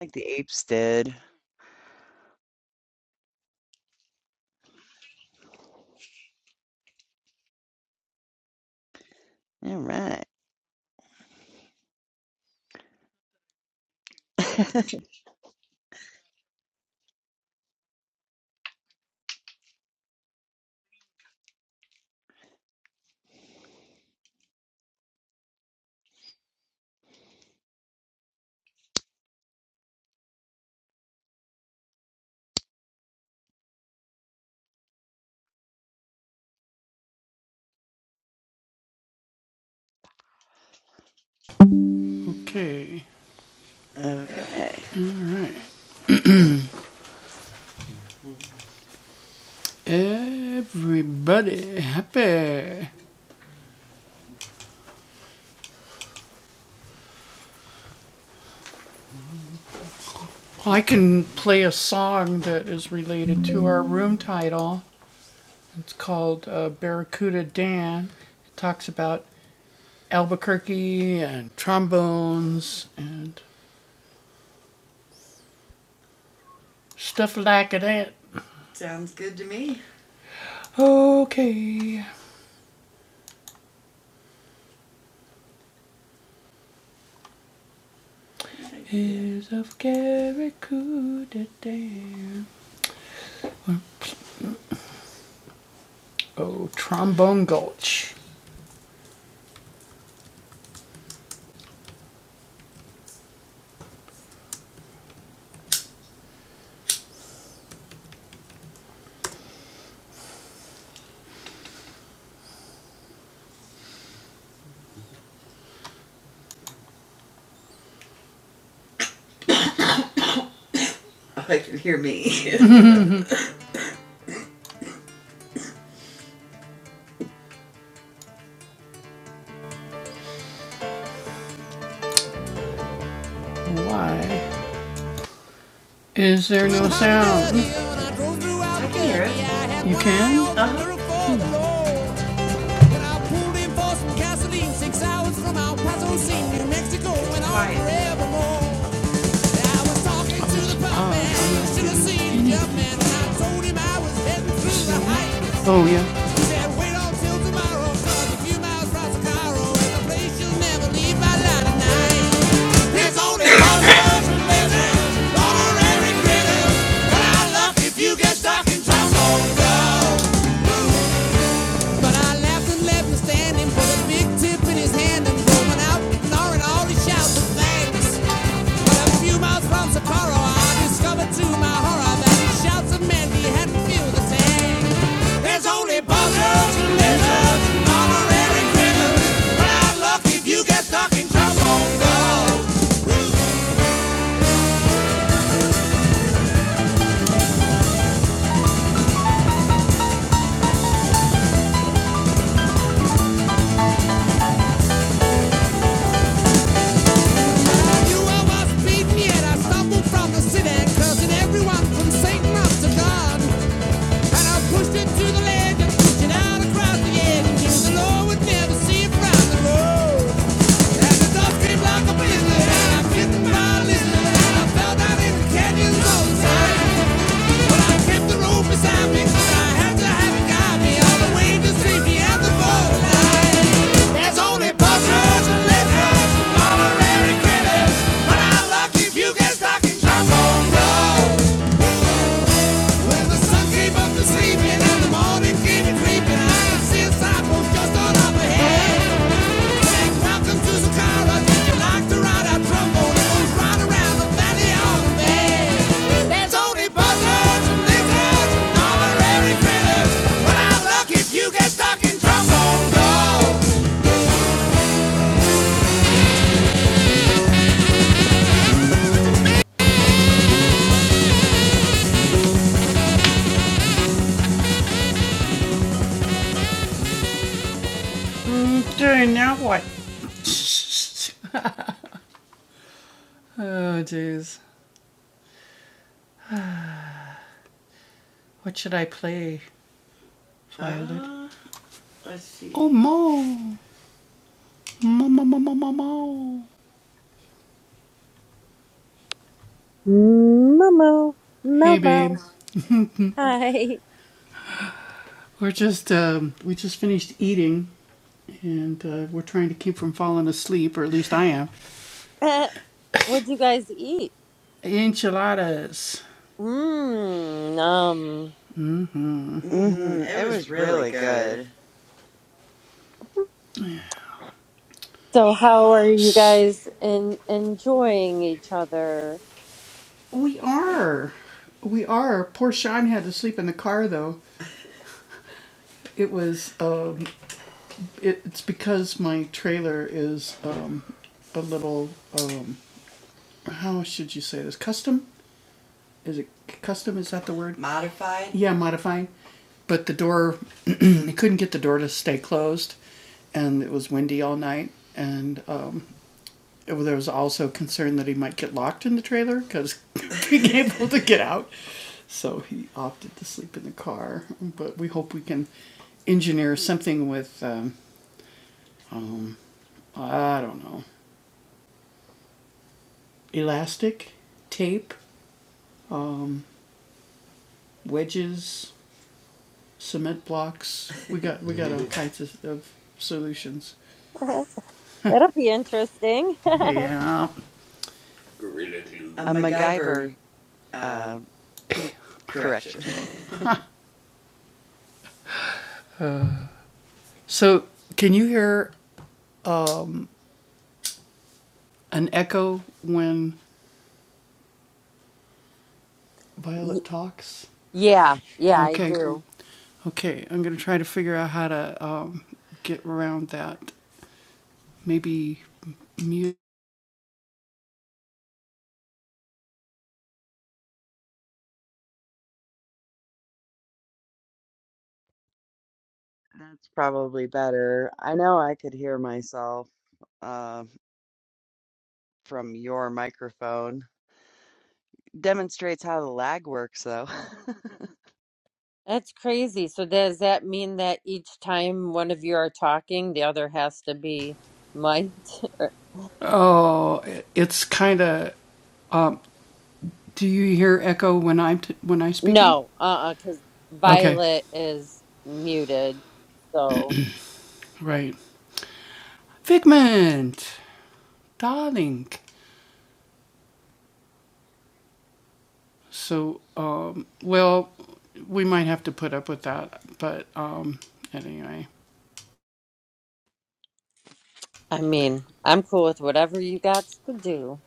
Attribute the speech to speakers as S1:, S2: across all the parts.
S1: Like the apes did. All right. Okay.
S2: I can hear it. Uh-huh. Said, wait until tomorrow, cause a few miles from Chicago, and the place you'll never leave by night. There's only one love religion, ordinary critters. But I love if you get stuck in trouble. But I laughed and left him standing with a big tip in his hand and going out, ignoring all his shouts of thanks. But a few miles from Sapporo, I discovered to my horror that his shouts of Mandy hadn't filled the tank. There's only buzzards and lizards, honorary criminals. You are my speed, yet I stumbled from the city, cursing everyone from Satan up to God. And I pushed it to the ledge and pushed it out across the edge, thinking the Lord would never see it from the road. And the dog came like a blizzard, and I bit the mile and I fell down in the canyons of side. But I kept the road beside me, 'cause I had to have it guide me all the way to safety at the borderline. There's only buzzers and lifters honorary critters. But I luck if you get stuck in charcoal road. When the sun came up this and the morning came a creeping, I could a sidewalk just on up ahead. Jack, welcome to Sakara. Did you like the ride? I trembled. It was right around the valley of the There's only buzzers and lifters honorary critters. But I luck if
S3: Momo, Momo. Hi. What'd you guys eat? Mmm, um.
S1: Mhm, it was really good.
S3: So how are you guys in, enjoying each other? That'll be interesting.
S1: A MacGyver, uh, correction.
S3: Y- yeah, yeah, I do.
S1: That's probably better. I know I could hear myself, uh, from your microphone. Demonstrates how the lag works, though.
S3: That's crazy. So does that mean that each time one of you are talking, the other has to be mic'd? Or- No, uh-uh, because Violet is muted, so. I mean, I'm cool with whatever you got to do.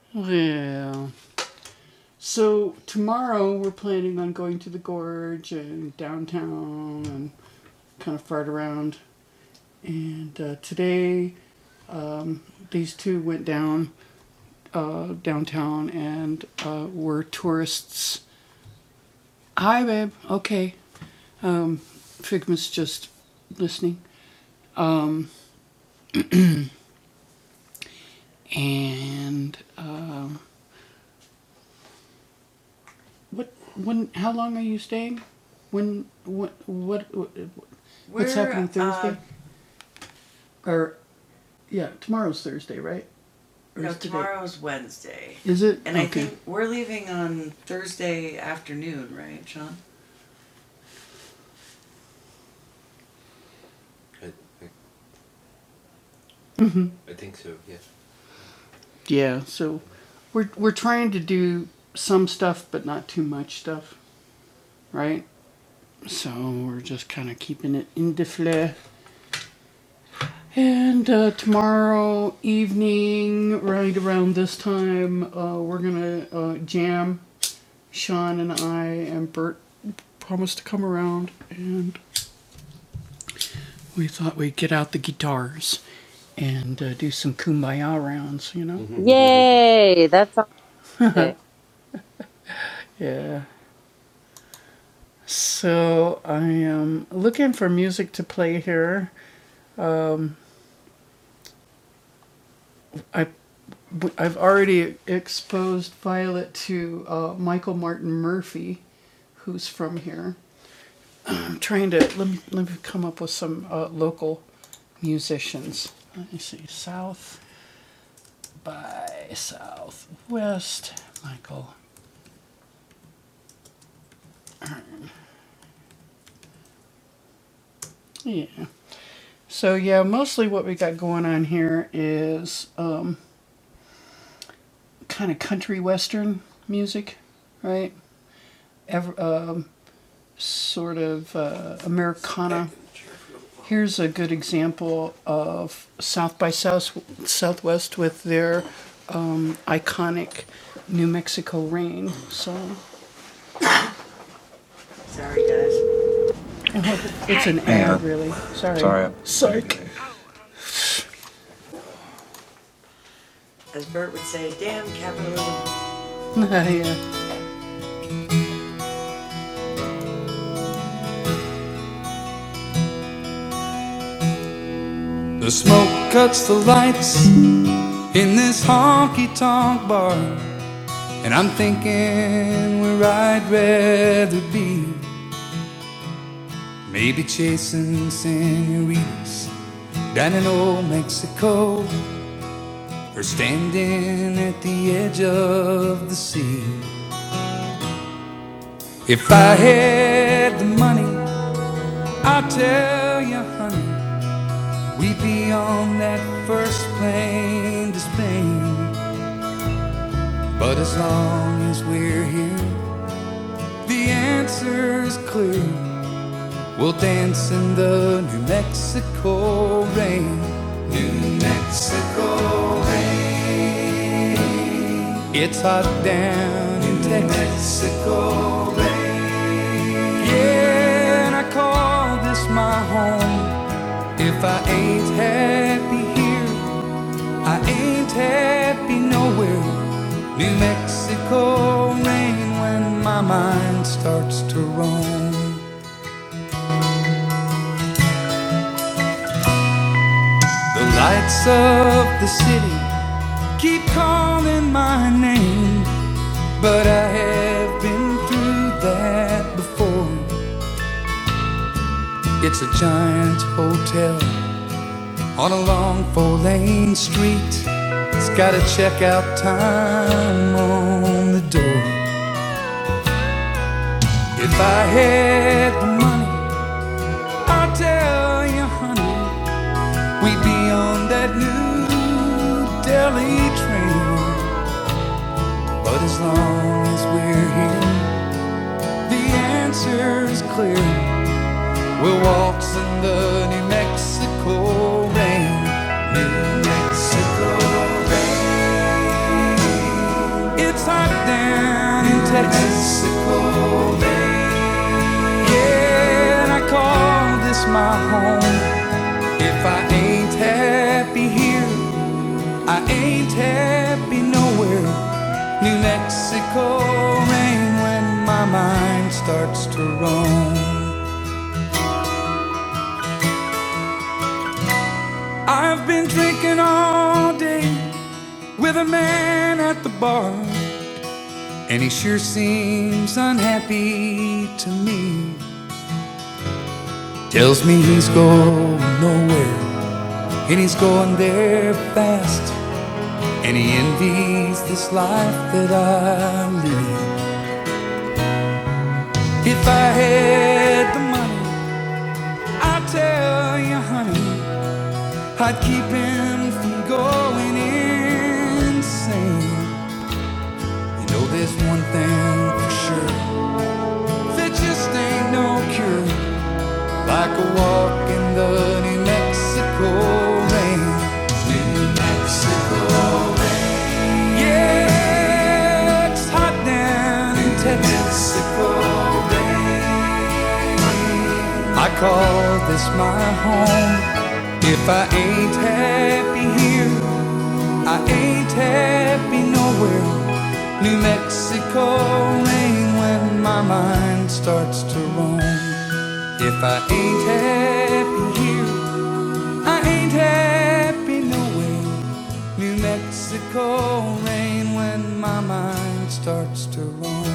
S3: Yay, that sounds it.
S2: The smoke cuts the lights, in this honky tonk bar, and I'm thinking where I'd rather be. Maybe chasing senoritas down in old Mexico, or standing at the edge of the sea. If I had the money, I'll tell you, honey, we'd be on that first plane to Spain. But as long as we're here, the answer's clear. We'll dance in the New Mexico rain. New Mexico rain. It's hot down in Texas. New Mexico rain. Yeah, and I call this my home. If I ain't happy here, I ain't happy nowhere. New Mexico rain when my mind starts to roam. The lights of the city keep calling my name. But I have been through that before. It's a giant hotel on a long four lane street. It's got a checkout time on the door. If I had the money, I'd tell you, honey, we'd be on that new Delhi train. But as long as we're here, the answer is clear. We're will in the New Mexico rain. New Mexico rain. It's hot down in Texas. Mexico rain. Yeah, and I call this my home. If I ain't happy here, I ain't happy nowhere. New Mexico rain when my mind starts to roam. I've been drinking all day with a man at the bar, and he sure seems unhappy to me. Tells me he's going nowhere, and he's going there fast, and he envies this life that I lead. If I had the money, I'd tell you, honey, I'd keep him from going insane. You know, there's one thing for sure. There just ain't no cure like a walk in the New Mexico rain. Yeah, it's hot down in Texaco rain. I call this my home. If I ain't happy here, I ain't happy nowhere. New Mexico rain when my mind starts to roam. If I ain't happy here, I ain't happy knowing New Mexico rain when my mind starts to roam.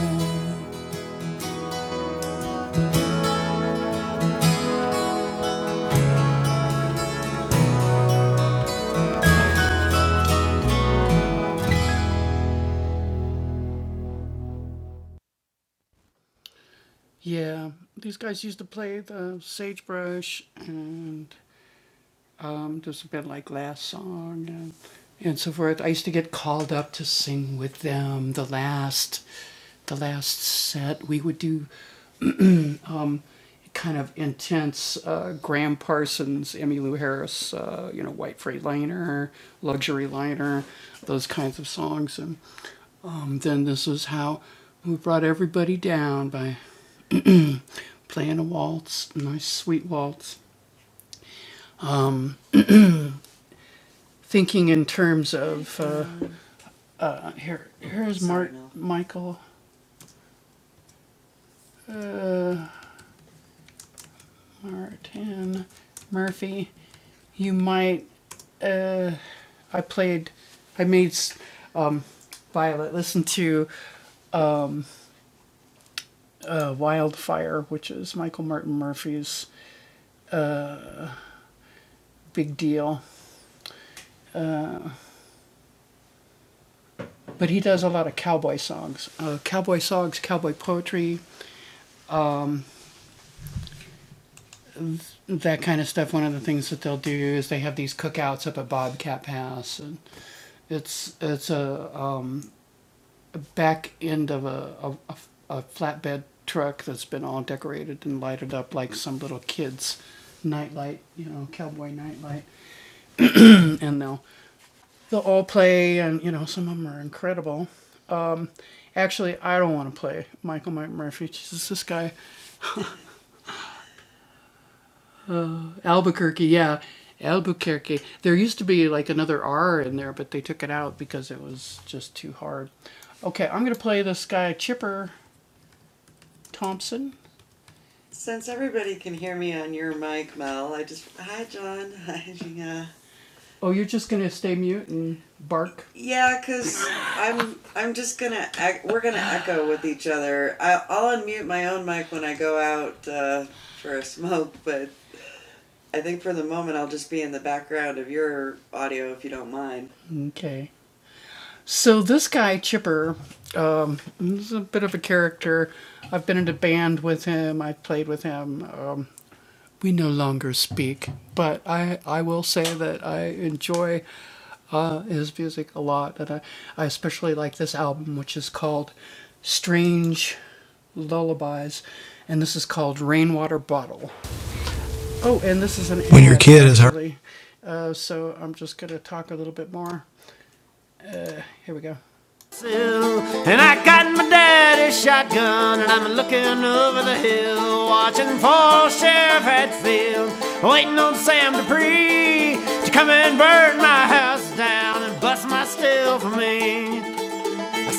S2: And I got my daddy's shotgun and I'm looking over the hill, watching for Sheriff Hatfield, waiting on Sam Dupree to come and burn my house down and bust my steel for me.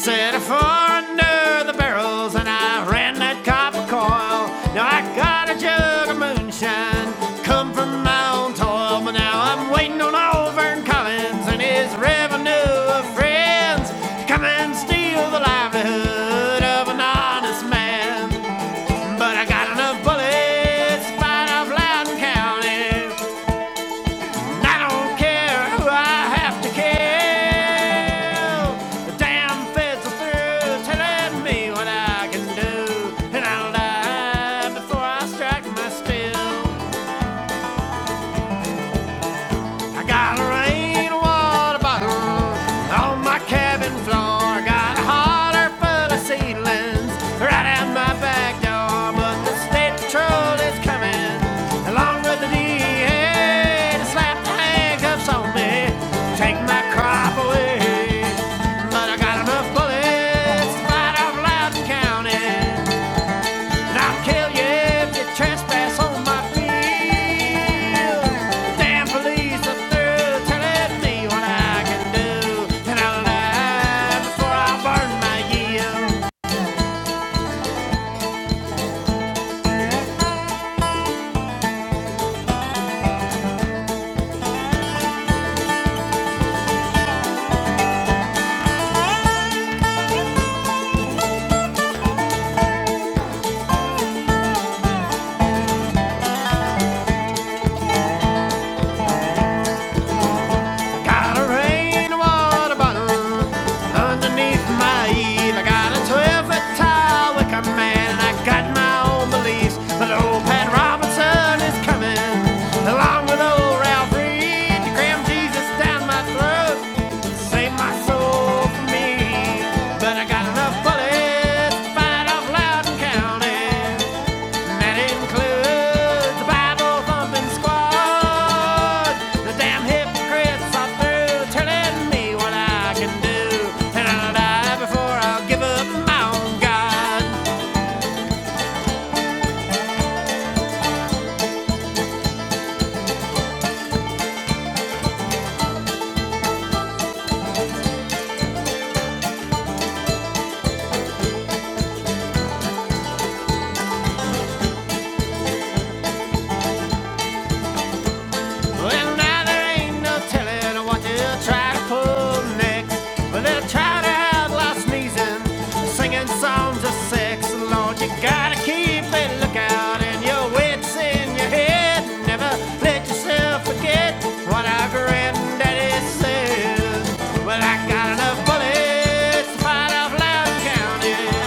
S2: Set a fire under the barrels and I ran that copper coil. Now I got a jug of moonshine, come from my own toil. But now I'm waiting on Auburn Collins and his revenue of friends to come and steal the livelihood of an honest man. But I got enough bullets to fight off Loudon County. And I don't care who I have to kill. The damn feds are through telling me what I can do. And I'll die before I strike my steel. I got a rainwater bottle on my cabin floor. I got a holler full of seedlings right out my back door. But the state patrol is coming along with the DEA to slap the handcuffs on me, take my crop away. But I got enough bullets to fight off Loudon County. I'll kill you if you trespass on my field. Damn police are through telling me what I can do. And I'll die before I burn my yield. Got a rainwater bottle underneath my eave. I got a 12 foot tall wicker man. And I got my own beliefs. But old Pat Robinson is coming along with old Ralph Reed to cram Jesus down my throat. Save my soul for me. But I got enough bullets to fight off Loudon County. that includes the Bible thumping squad. The damn hypocrites are through telling me what I can do. And I'll die before I'll give up my own God. Well, now there ain't no telling what they'll try to pull next. Well, they'll try to have loud sneezing, singing songs of sex. Lord, you gotta keep a lookout and your wits in your head. Never let yourself forget what our granddaddy said. Well, I got enough bullets to fight off Loud County.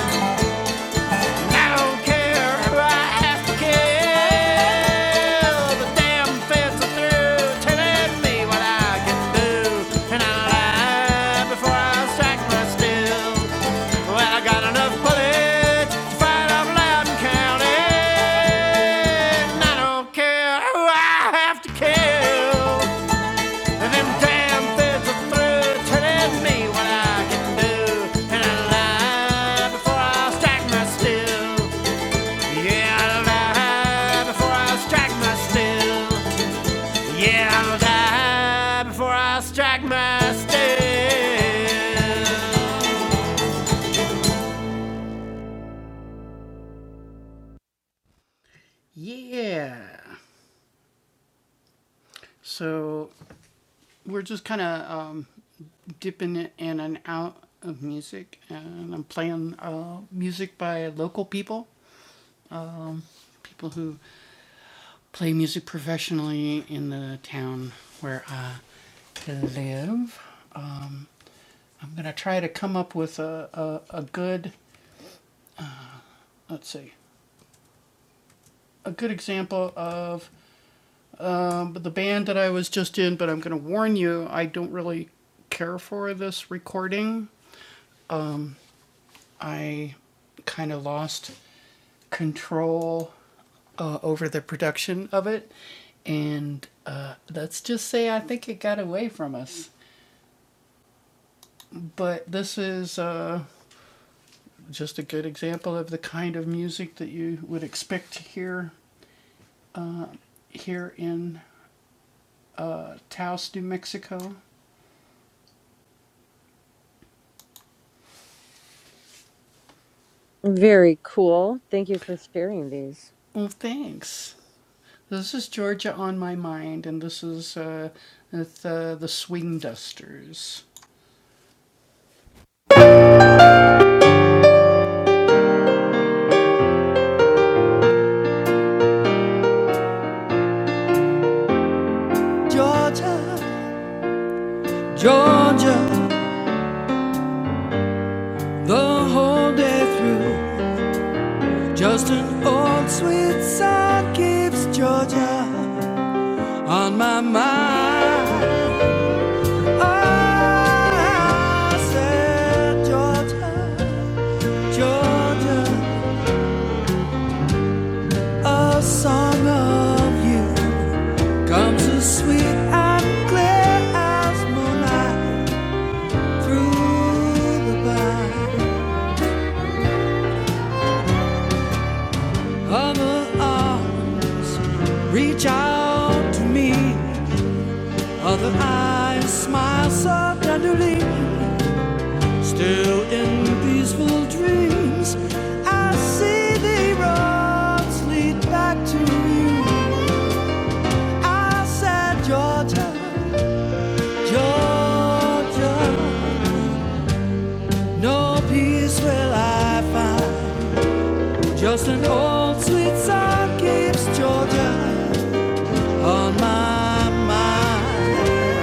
S2: I don't care who I have to kill. The damn feds are through telling me what I can do, and I'll lie before I strike my steel. Well, I got enough bullets to fight off Loudon County, I don't care who I have to kill. them damn feds are through telling me what I can do, and I lie before I strike my steel. Yeah, I'll die before I strike my steel. Yeah, I'll die before I strike my steel.
S3: Very cool. Thank you for sharing these.
S2: Georgia, Georgia, the whole day through. Just an old sweet song keeps Georgia on my mind. Oh, I said, Georgia, Georgia, a song of you. Comes as sweet and clear as moonlight through the blind. Other arm, reach out to me. Other eyes smile so tenderly. Still in peaceful dreams, I see the roads lead back to you. I said, Georgia, Georgia, no peace will I find. Just an old sweet song keeps Georgia on my mind.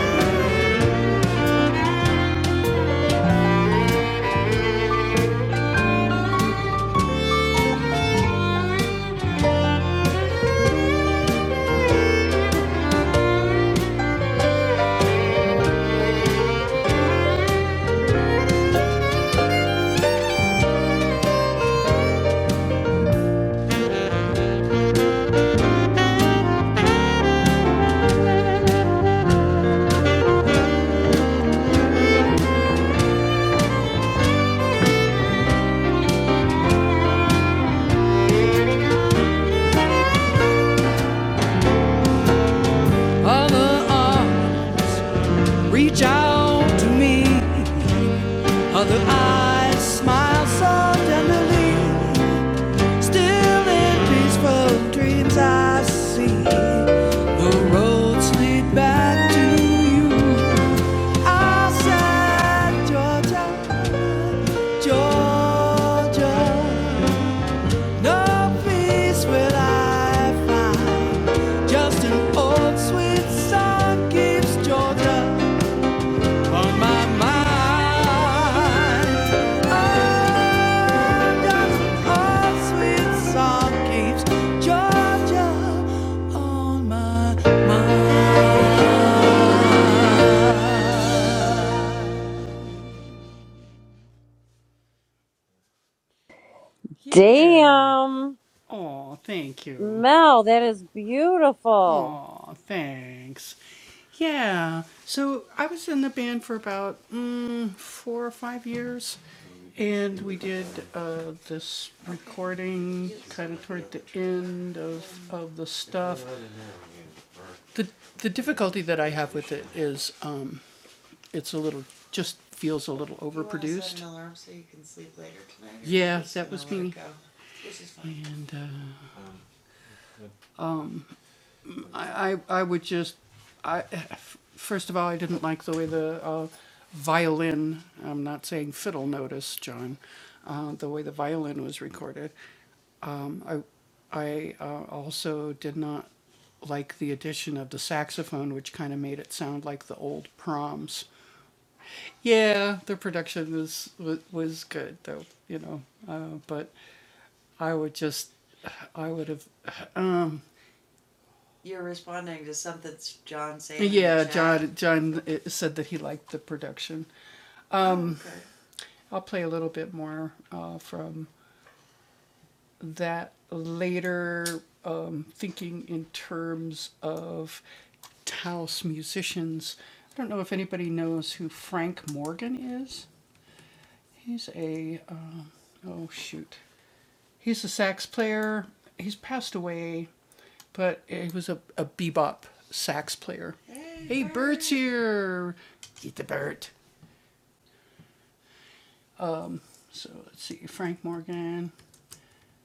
S2: Other arm, reach out to me. Other eyes, smile so tenderly. Still in peaceful dreams, I see the roads lead back to you. I said, Georgia, Georgia. No peace will I find. Just an old sweet song keeps Georgia on my mind. Just an old sweet song keeps Georgia on my mind.
S3: Damn, Mel, that is beautiful.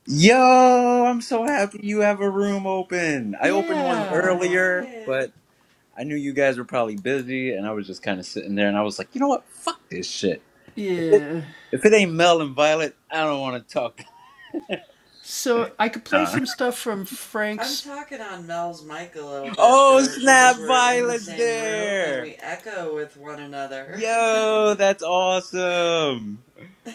S4: Yo, I'm so happy you have a room open. I opened one earlier, but I knew you guys were probably busy, and I was just kind of sitting there, and I was like, you know what? Fuck this shit. If it, if it ain't Mel and Violet, I don't want to talk. Nah. Oh, snap! Violet's there. Yo, that's awesome.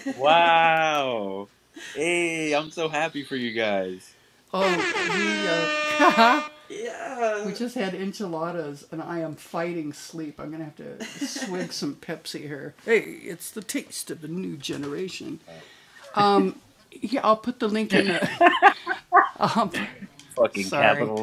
S4: Wow. Hey, I'm so happy for you guys. Fucking capital.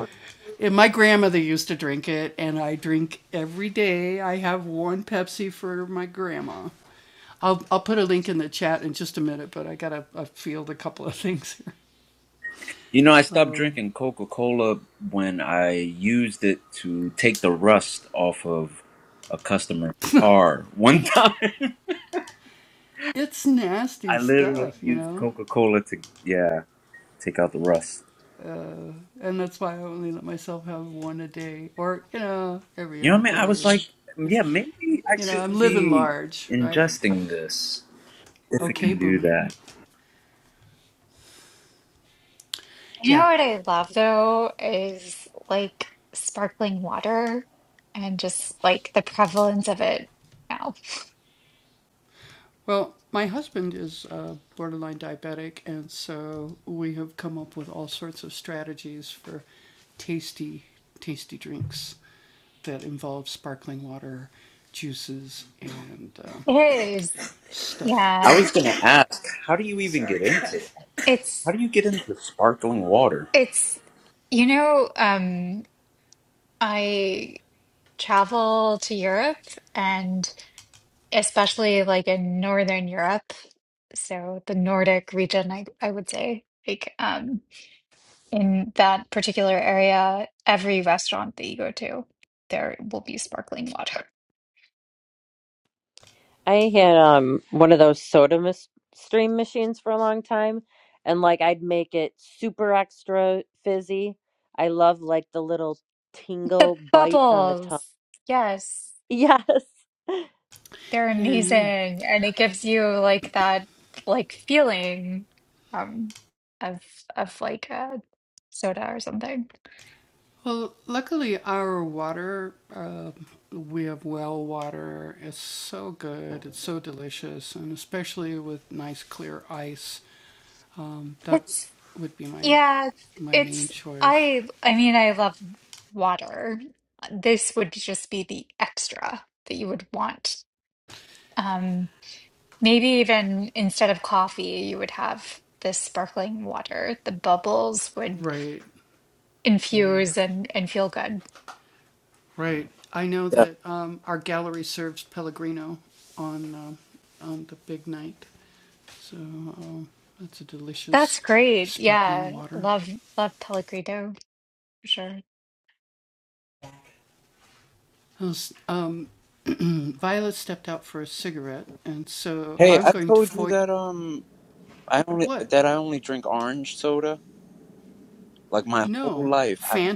S4: You know, I stopped drinking Coca Cola when I used it to take the rust off of a customer's car. One time, I literally used Coca Cola to, yeah, take out the rust. You know what I mean? I was like, yeah, maybe I shouldn't be ingesting this if it can do that.
S5: You know what I love though is like sparkling water and just like the prevalence of it now. It is,
S4: I
S5: yeah.
S4: was gonna ask, how do you even get into that? How
S5: It's
S4: do you get into sparkling water?
S5: it's you know, um I travel to Europe and especially like in Northern Europe, so the Nordic region I I would say like um in that particular area, every restaurant that you go to, there will be sparkling water.
S3: I had um one of those soda mis- stream machines for a long time, and like I'd make it super extra fizzy. I love like the little
S5: The
S3: tingle bite on the tongue.
S5: bubbles. Yes,
S3: Yes.
S5: they're amazing. And it gives you like that like feeling um of of like a soda or something. It's yeah, it's I I mean I love water. This would just be the extra that you would want. Um maybe even instead of coffee, you would have this sparkling water. The bubbles would infuse and and feel good.
S4: Yeah.
S5: That's great. Yeah. Love love Pellegrino for sure.
S4: Hey, I told you that um, I only that I only drink orange soda. Like my whole life, I've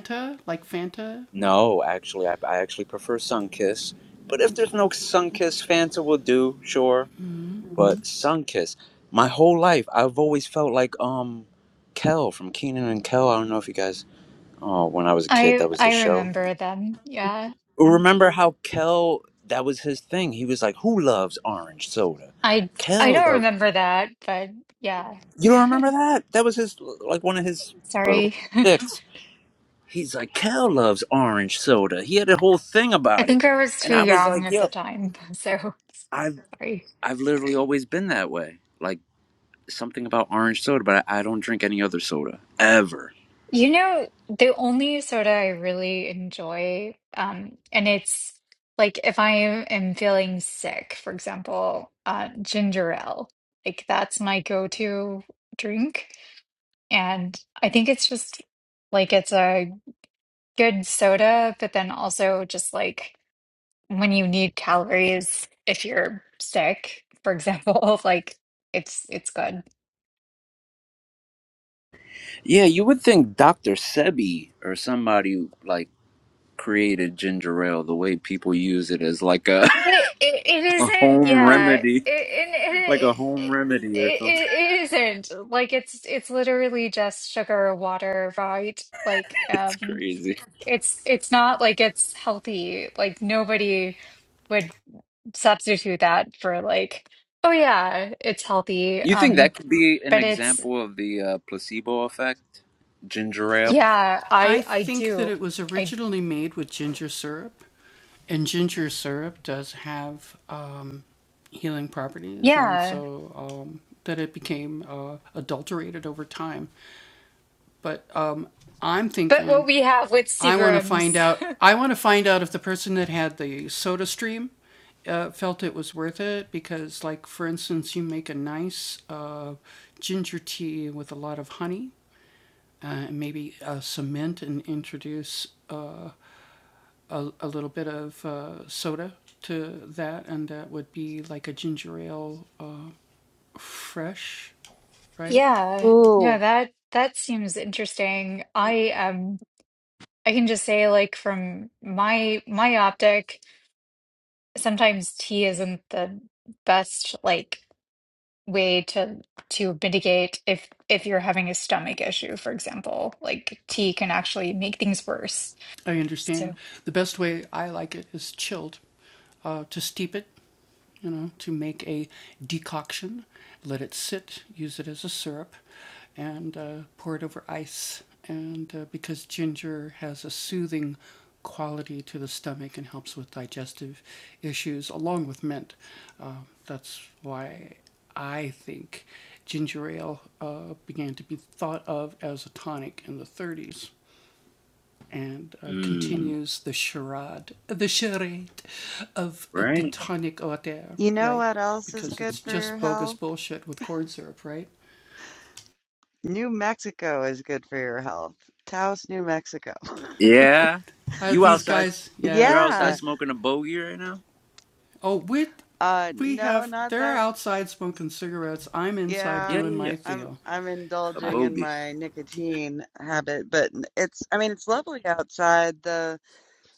S4: no. Actually, I, I actually prefer Sunkiss. But if there's no Sunkiss, Fanta will do, sure. hmm But Mhm. Sunkiss, my whole life, I've always felt like um, Kel from Keenan and Kel. I don't know if you guys. Oh, when I was a kid,
S5: I
S4: that was
S5: I
S4: the show.
S5: remember them. Yeah.
S4: Remember how Kel? That was his thing. He was like, "Who loves orange soda?"
S5: I I
S4: Kel
S5: don't
S4: loved.
S5: remember that, but yeah.
S4: You don't remember that? That was his like one of his little
S5: Sorry.
S4: sticks. He's like, Cal loves orange soda. He had a whole thing
S5: I
S4: about it.
S5: think I was
S4: And
S5: too
S4: I was
S5: young
S4: like,
S5: at the
S4: yo,
S5: time. So
S4: I've
S5: sorry.
S4: I've literally always been that way. Like something about orange soda, but I, I don't drink any other soda. Ever.
S5: You know, the only soda I really enjoy, um, and it's like if I am feeling sick, for example, uh, ginger ale. Like that's my go-to drink. And I think it's just like it's a good soda, but then also just like when you need calories if you're sick, for example, like it's it's good.
S4: Yeah, you would think Dr. Sebi or somebody like created ginger ale the way people use it as like a
S5: It it, it isn't,
S4: home
S5: yeah.
S4: remedy.
S5: It, it,
S4: Like a
S5: it,
S4: home
S5: it,
S4: remedy or
S5: it
S4: something.
S5: it isn't like it's it's literally just sugar or water, right? Like
S4: It's
S5: um
S4: crazy.
S5: it's it's not like it's healthy. Like nobody would. substitute that for like, oh yeah, it's healthy.
S4: You think
S5: Um,
S4: that could be an
S5: but it's
S4: example of the uh, placebo effect? Ginger ale?
S5: yeah, I I do. I yeah. But what we have with Seagram's, yeah. No,
S3: Ooh.
S5: that that seems interesting. I um I can just say like from my my optic, sometimes tea isn't the best like way to to mitigate if if you're having a stomach issue, for example. Like tea can actually make things worse. So,
S4: Mm, right?
S1: You know what else is good for your health? New Mexico is good for your health. Taos, New Mexico.
S4: Yeah. You outside you're outside
S1: Yeah.
S4: smoking a bogey right now?
S1: Uh, no, not that
S4: Yeah,
S1: Yeah,
S4: yeah, yeah.
S1: I'm I'm
S4: A
S1: indulging in
S4: bogey.
S1: my nicotine habit, but n- it's I mean it's lovely outside. The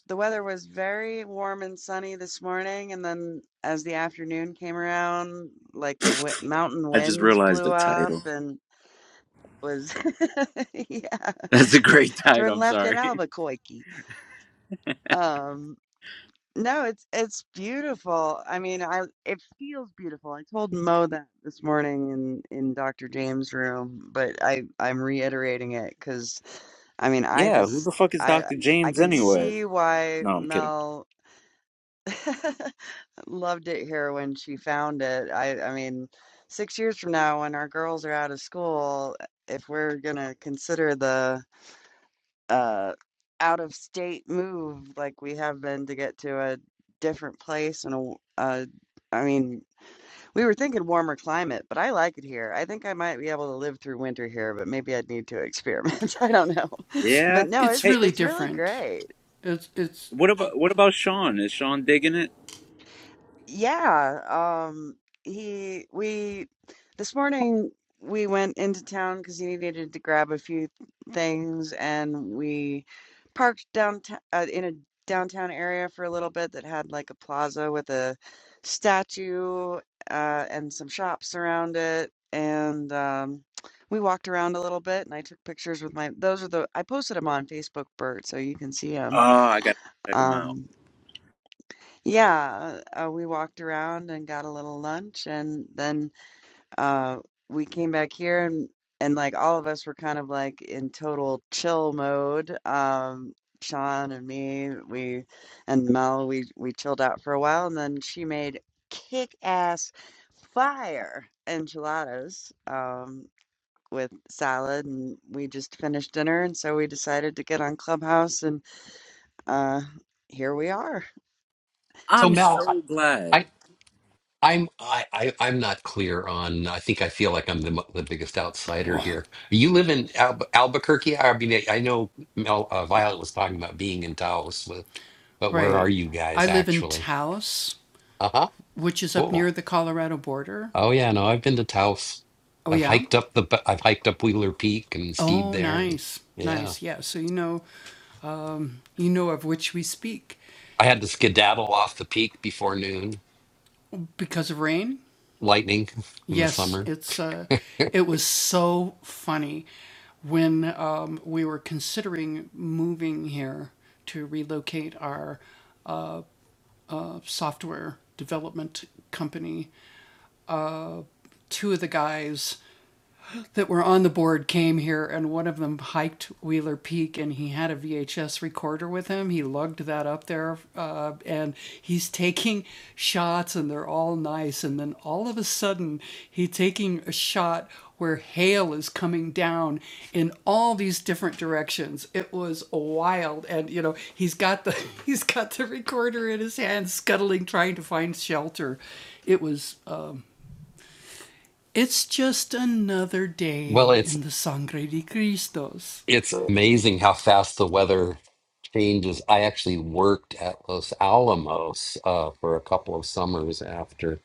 S1: the weather was very warm and sunny this morning, and then as the afternoon came around, like the w mountain
S4: I just
S1: winds
S4: realized
S1: blew
S4: the
S1: up
S4: title.
S1: and it was yeah,
S4: That's a great
S1: turn
S4: title, I'm
S1: left at
S4: sorry.
S1: Albuquerque. Um No, it's it's beautiful. I mean, I it feels beautiful. I told Mo that this morning in in Dr. James' room, but I I'm reiterating it because I mean, I
S4: Yeah, who
S1: just
S4: the fuck is
S1: I
S4: Dr.
S1: I
S4: James
S1: can
S4: anyway?
S1: see why
S4: No, I'm kidding.
S1: Mel loved it here when she found it. I I mean, six years from now, when our girls are out of school, if we're gonna consider the uh out of state move like we have been to get to a different place and a w- uh mean, we were thinking warmer climate, but I like it here. I think I might be able to live through winter here, but maybe I'd need to experiment. I don't know. But
S4: Yeah.
S1: no,
S4: Hey,
S1: it's it's really great.
S4: what about what about Sean? Is Sean digging it?
S1: Yeah, um, he we this morning we went into town because he needed to grab a few things, and we parked downtown uh, in a downtown area for a little bit that had like a plaza with a statue uh, and some shops around it, and um, we walked around a little bit, and I took pictures with my those are the I posted them on Facebook, Bert, so you can see
S4: Oh,
S1: them.
S4: I gotta check him out.
S1: Yeah, uh, we walked around and got a little lunch, and then uh, we came back here, and and like all of us were kind of like in total chill mode. Um, Sean and me, we and Mel, we we chilled out for a while, and then she made kick-ass fire enchiladas um, with salad, and we just finished dinner, and so we decided to get on Clubhouse, and uh, here we are.
S6: So
S4: I'm
S6: Mel, I,
S4: so
S6: I
S4: glad.
S6: I'm I, I I'm not clear on. I think I feel like I'm the mo- the biggest outsider here. You live in Al- Albuquerque. I mean, I I know Mel uh, Violet was talking about being in Taos, but, but where are you guys actually? Uh huh. Cool. Oh yeah, no, I've been to Taos. I've hiked up the b- I've hiked up Wheeler Peak and skied there. Yeah, I had to skedaddle off the peak before noon, lightning in the summer. Well, it's It's amazing how fast the weather changes. I actually worked at Los Alamos uh, for a couple of summers after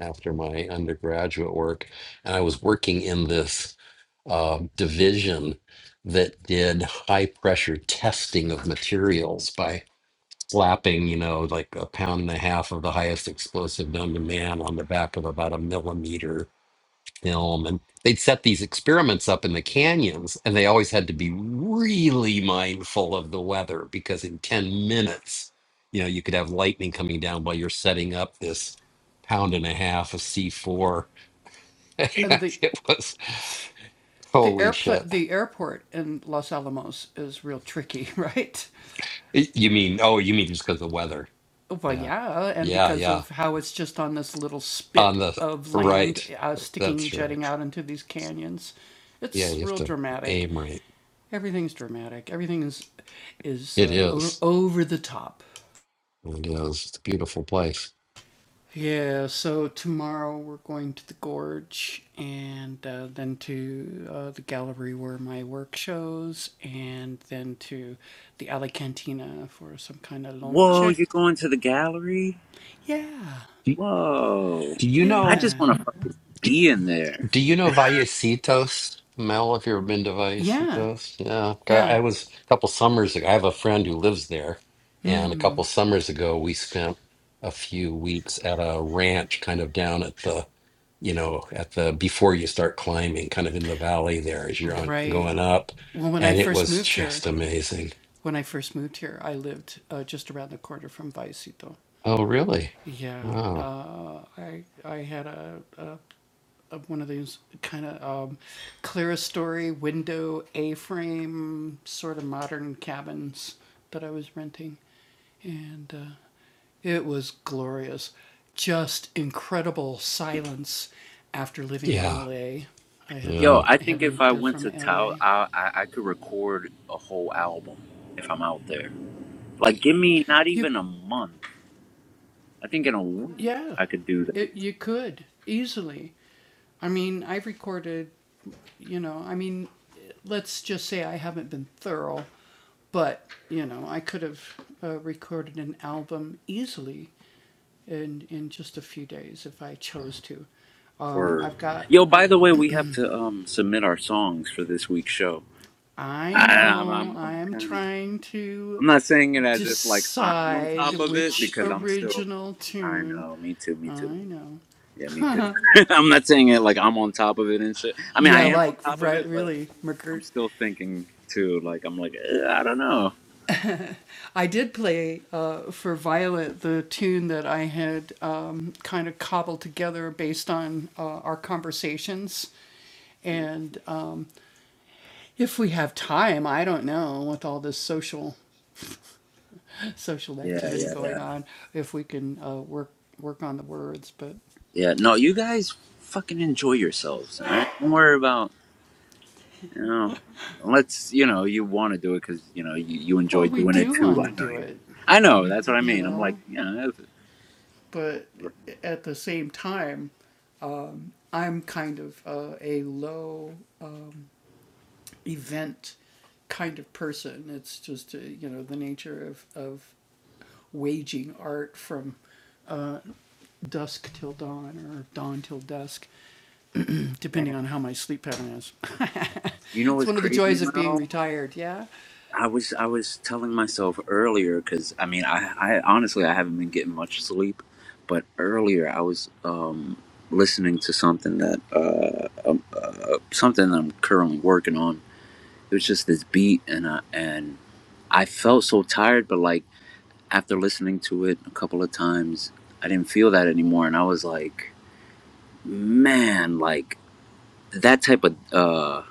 S6: after my undergraduate work, and I was working in this uh, division that did high pressure testing of materials by slapping, you know, like a pound and a half of the highest explosive known to man on the back of about a millimeter film and they'd set these experiments up in the canyons and they always had to be really mindful of the weather because in 10 minutes you know you could have lightning coming down while you're setting up this pound and a half of c4 it was holy shit Y- you mean oh you mean just because of the weather yeah yeah yeah on the right that's right yeah you have to aim right it is it is it's a beautiful place
S4: Whoa, you're going to the gallery?
S6: do,
S4: Whoa.
S6: do you
S4: I
S6: know?
S4: just wanna fucking be in there.
S6: Do you know Vallecitos, Mel? Have you ever been to Vallecitos? Yeah, I I was a couple summers ago. I have a friend who lives there, and a couple summers ago, we spent a few weeks at a ranch, kind of down at the, you know, at the before you start climbing, kind of in the valley there as you're on, going up, and it was just amazing. Oh, really? Oh, yeah,
S4: Yo,
S6: yeah.
S4: I think if I went to Tao, I, I I could record a whole album if I'm out there. Like, give me not even a month. I think in a week I could do that. Word. Yo, by the way, we have to um submit our songs for this week's show.
S2: I
S4: I, I'm
S2: know
S4: I'm, I'm
S2: I'm
S4: kind of
S2: trying to
S4: I'm not saying it as if like I'm on
S2: decide
S4: top of it
S2: which
S4: because I'm still.
S2: original
S4: I
S2: tune.
S4: know. Me too. Me
S2: I
S4: too.
S2: know.
S4: Yeah, me too. I'm not saying it like I'm on top of it and shit. I mean, I
S2: Yeah,
S4: am on
S2: like
S4: top of
S2: re-
S4: it, but
S2: really,
S4: I'm
S2: McGirt.
S4: still thinking too. Like I'm like eh, I don't know.
S2: I did play uh, for Violet the tune that I had um, kind of cobbled together based.
S4: Yeah, yeah, yeah. Yeah, no, you guys fucking enjoy yourselves, all right? Don't worry about, you know, let's, you know, you want to do it because, you know, you, you enjoy doing it too. I know you. I know, that's what I mean. I'm like, yeah, that's- man, you know what's crazy, Mel? I was I was telling myself earlier because I mean I, I honestly I haven't been getting much sleep, but earlier I was um, listening to something that uh, um, uh, something that I'm currently working on, It was just this beat, and I, and I felt so tired. But like after listening to it a couple of times, I didn't feel that anymore, and I was like, man, like that type of uh,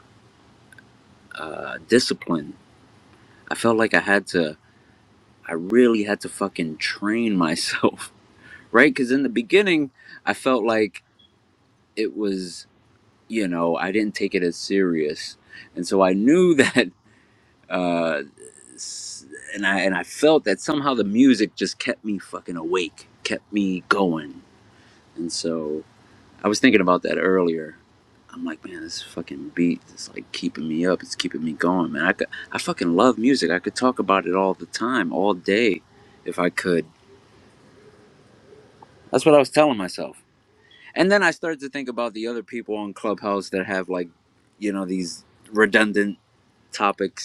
S4: uh, discipline. I felt like I had to. I really had to fucking train myself, right? Because in the beginning, I felt like it was, you know, I didn't take it as serious, and so I knew that. uh and I and I felt that somehow the music just kept me fucking awake, kept me going. And so I was thinking about that earlier. I'm like, man, this fucking beat is like keeping me up. It's keeping me going, man. I could, I fucking love music. I could talk about it all the time, all day, if I could. That's what I was telling myself. And then I started to think about the other people on Clubhouse that have like, you know, these redundant topics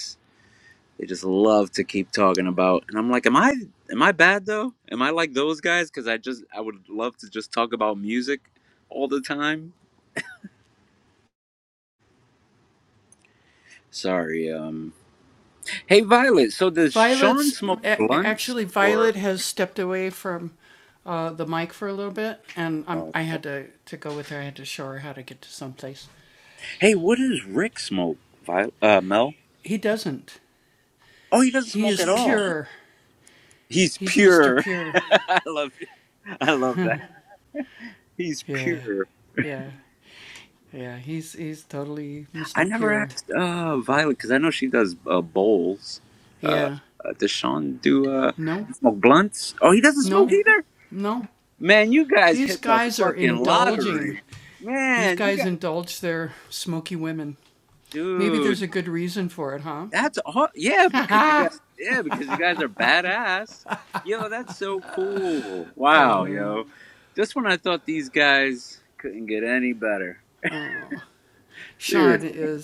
S4: They just love to keep talking about, and I'm like, am I am I bad though? Am I like those guys? Because I just I would love to just talk about music all the time. Sorry. Um. Hey, Violet. So does Sean smoke blunts or? Oh, okay. Hey, what does Rick smoke? Violet, uh, Mel. Oh, he doesn't smoke at all. He's pure. I love. I love that. He's pure. I never asked uh Violet because I know she does uh, bowls. Uh, uh, does Sean do uh smoke blunts? Oh, he doesn't smoke either. Man, you guys hit the fucking lottery. Man, you guys, dude, that's all. Yeah, because you guys, yeah, because you guys are badass. Yo, that's so cool. Wow, yo, just when I thought these guys couldn't get any better. Seriously, man.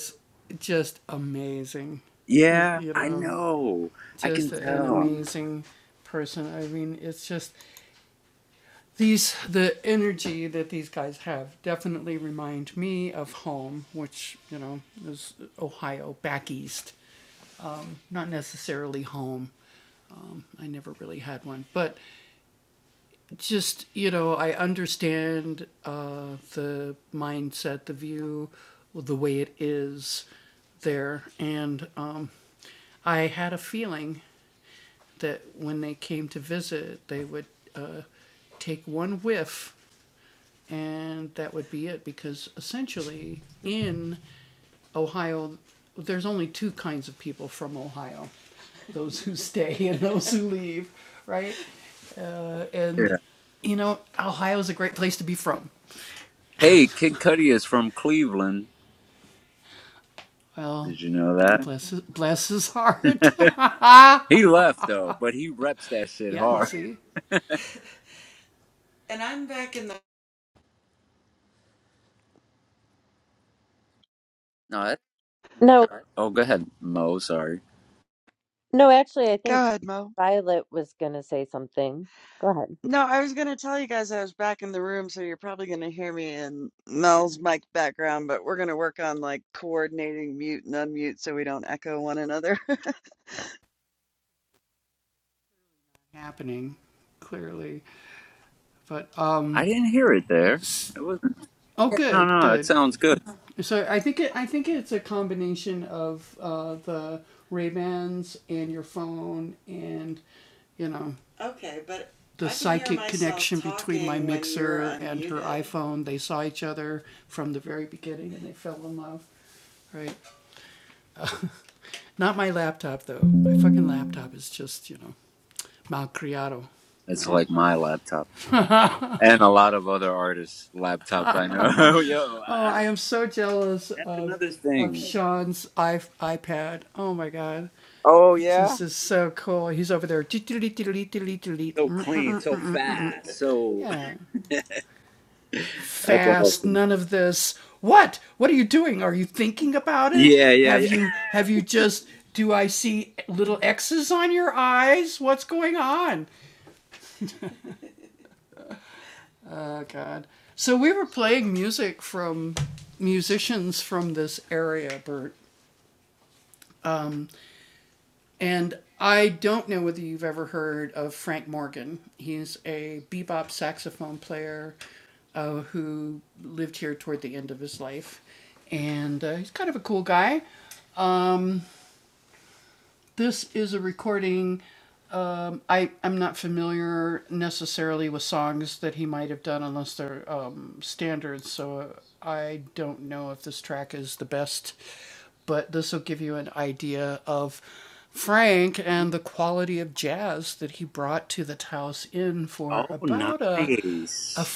S4: Yeah, I know. I can tell. Hey, Kid Cudi is from Cleveland. Did you know that? he left though, but he reps that shit hard. No, that,
S3: No,
S4: oh, go ahead, Mo. Sorry,
S3: No, actually, I
S1: Go
S3: think
S1: ahead, Mo.
S3: Violet was going to say something. Go ahead.
S1: No, I was gonna tell you guys I was back in the room, so you're probably gonna hear me in Mel's mic background, but we're gonna work on like coordinating mute and unmute so we don't echo one another.
S4: I didn't hear it there. It wasn't. Yeah, no, no, it sounds good. It's like my laptop and a lot of other artists' laptops. I know. Yo, I, I don't, that's another thing. Oh yeah, so clean, so fast, so that's awesome. Yeah, yeah, yeah. Oh, nice.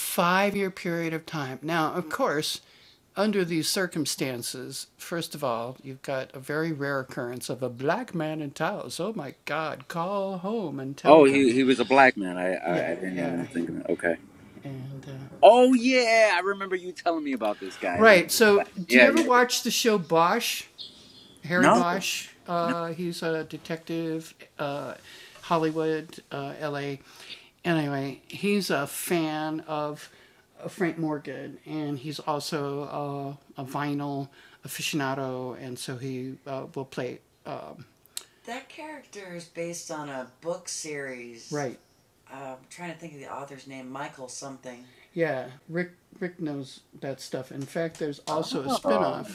S4: Oh, he he was a black man. I I, I didn't even think of it. Okay. Oh yeah, I remember you telling me about this guy. As a matter of fact. Yeah, yeah, yeah. No, no. Oh.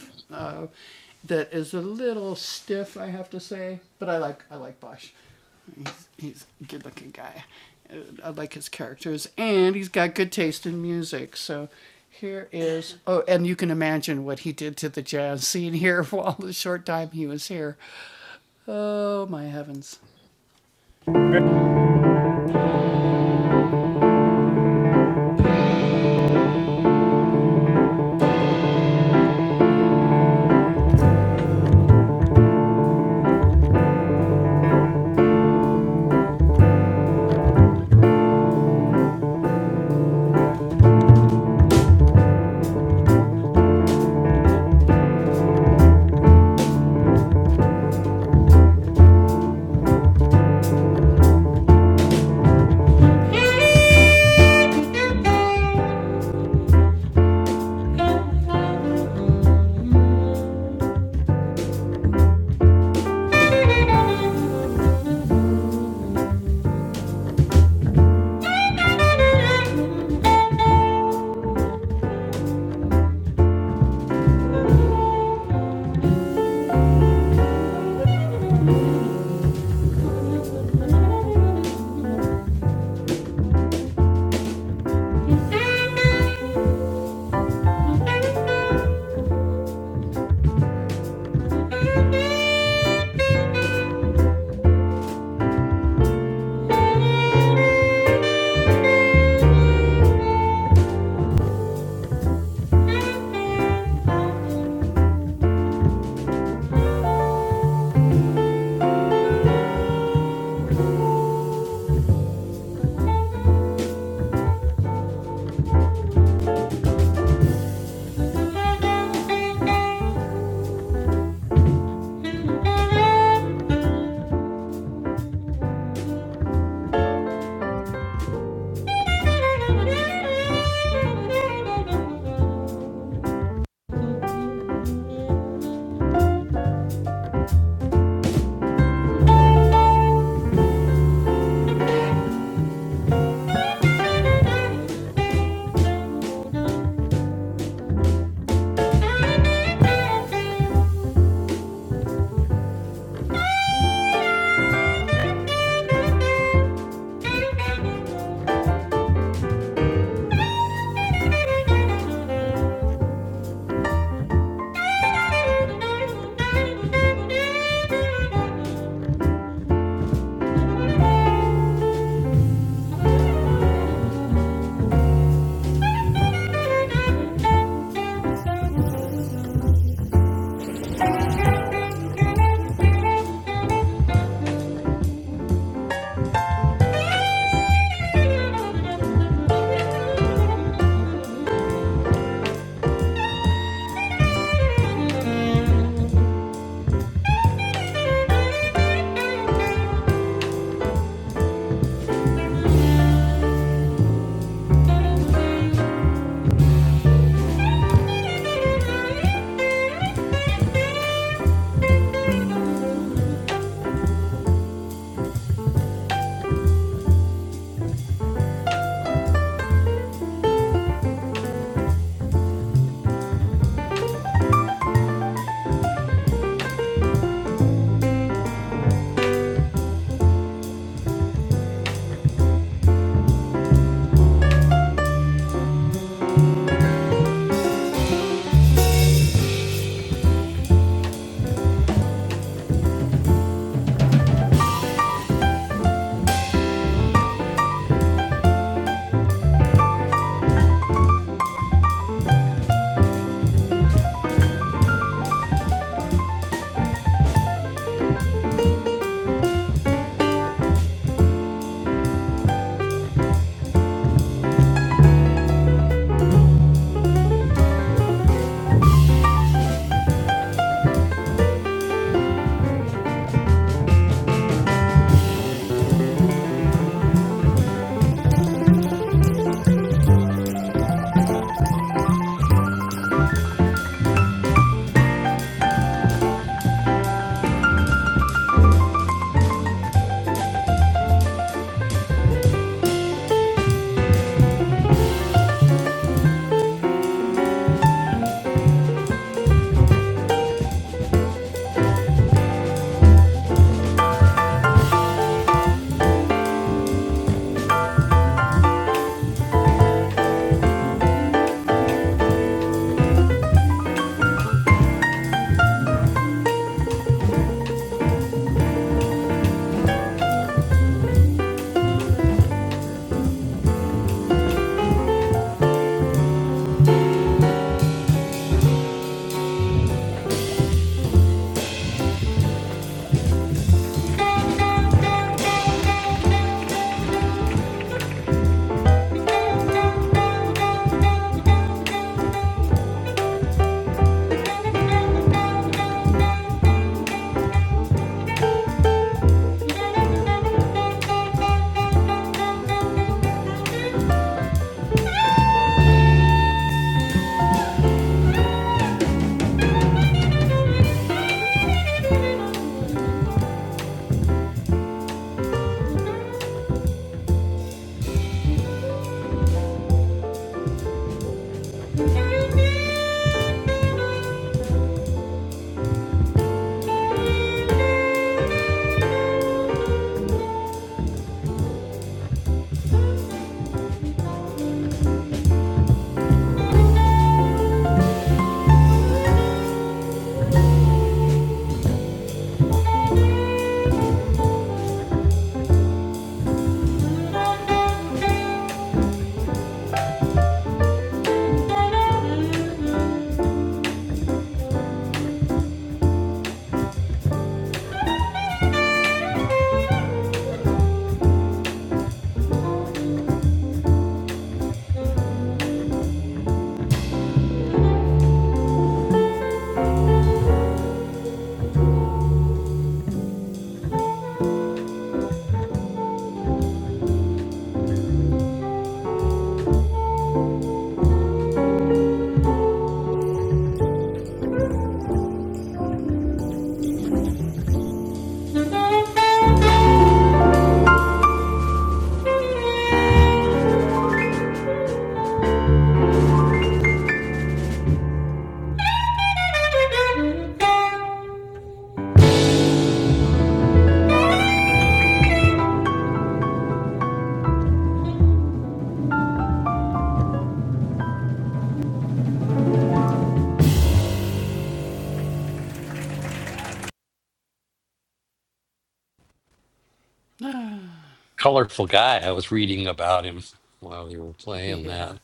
S6: Colorful guy. I was reading about him while you were playing that.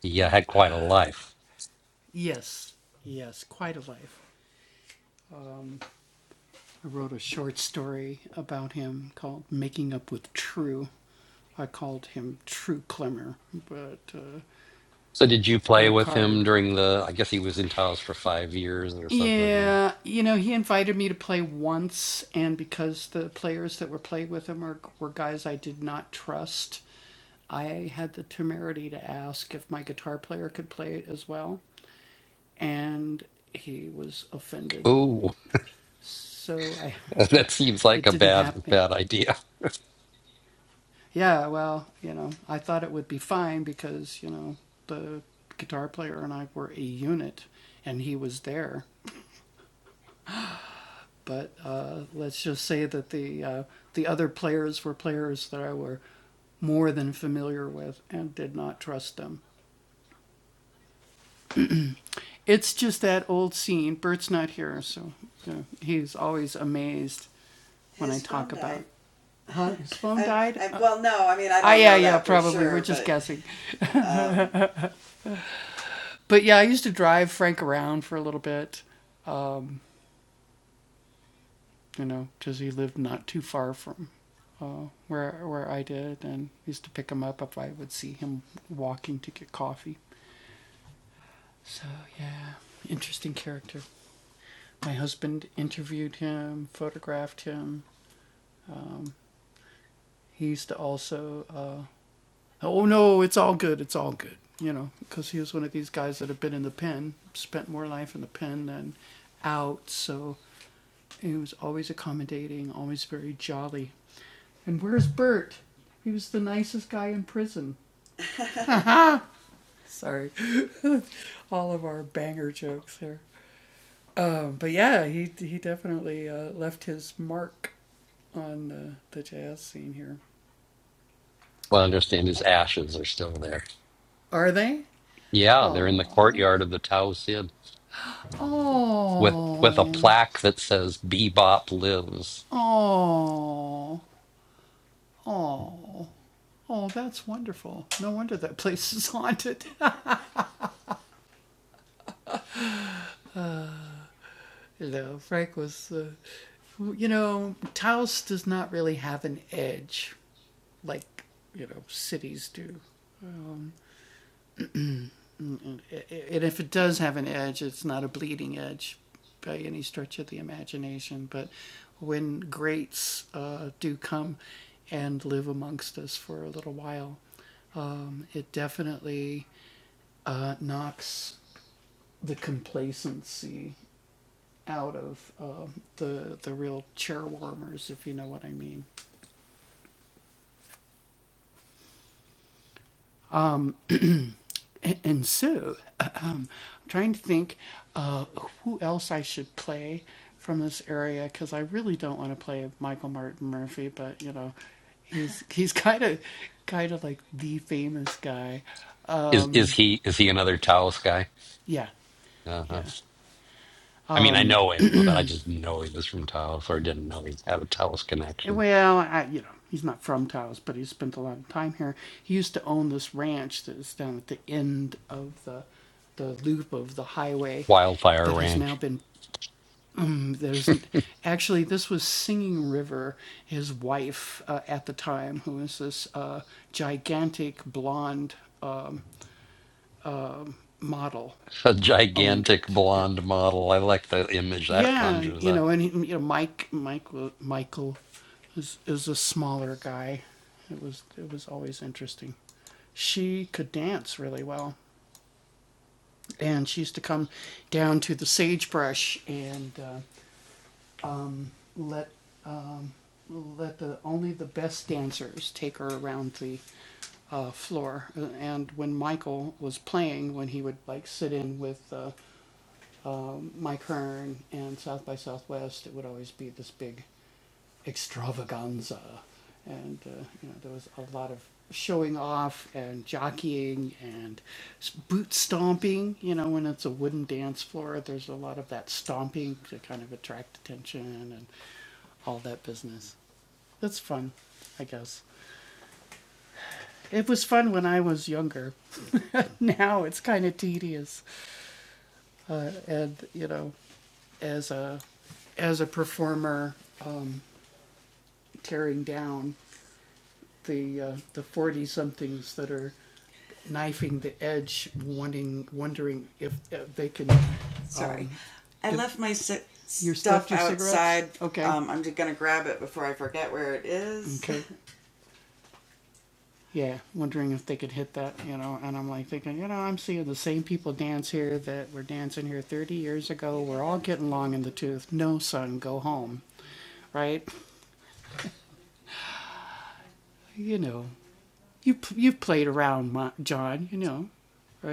S6: He uh, had quite a life. So did you play with him during the? I guess he was in Taos for five years or something. Oh, that seems like a bad bad idea. Well, I understand his ashes are still there. Yeah, they're in the courtyard of the Taos Inn with with a plaque that says "Bebop lives." Is is he is he another Taos guy? Uh-huh. I mean, I know him, but I just know he was from Taos, or didn't know he had a Taos connection. Wildfire Ranch a gigantic blonde model. I like the image that conjures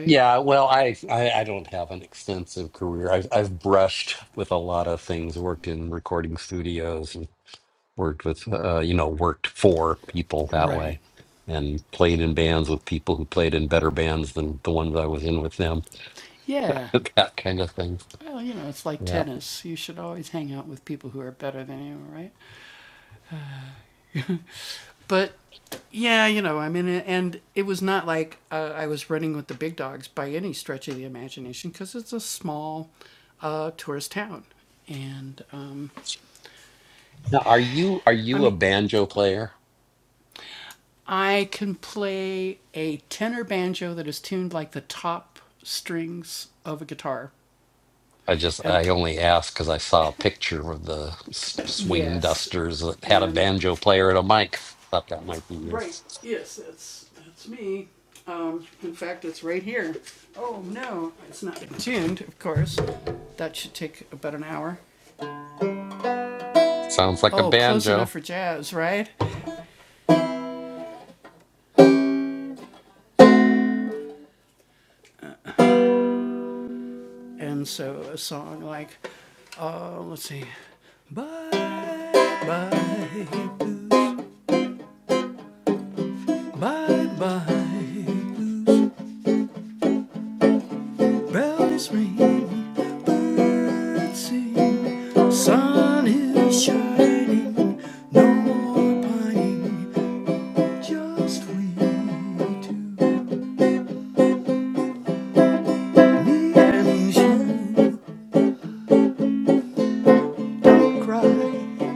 S6: Yeah, well, I, I I don't have an extensive career. I've I've brushed with a lot of things. Worked in recording studios and worked with uh, you know worked for people that way, and played in bands with people who played in better bands than the ones I was in with them. That kind of thing. Yeah. Now, are you are you a banjo player? I just I only asked because I saw a picture of the s- swing dusters that had a banjo player and a mic. Thought that might be you. Sounds like a banjo.
S2: Bye bye. Bells ring, birds sing, sun is shining, no more pining, just we two. Me and you, don't cry,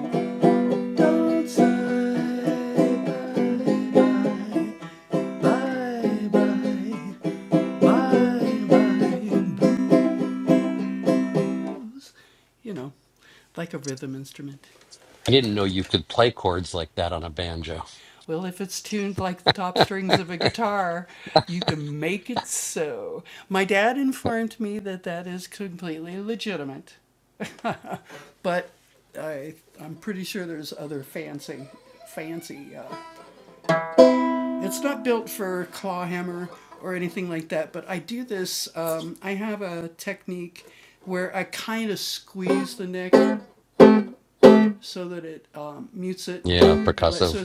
S2: don't sigh.
S6: I didn't know you could play chords like that on a banjo. Yeah, percussive.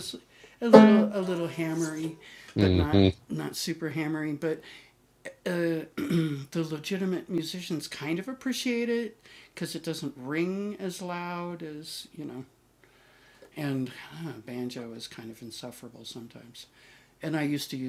S6: hmm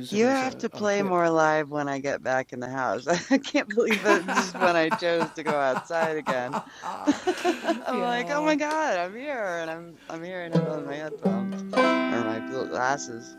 S1: You have to play more live when I get back in the house. I can't believe that this is when I chose to go outside again. I'm like, oh my God, I'm here, and I'm I'm hearing it on my headphones or my glasses.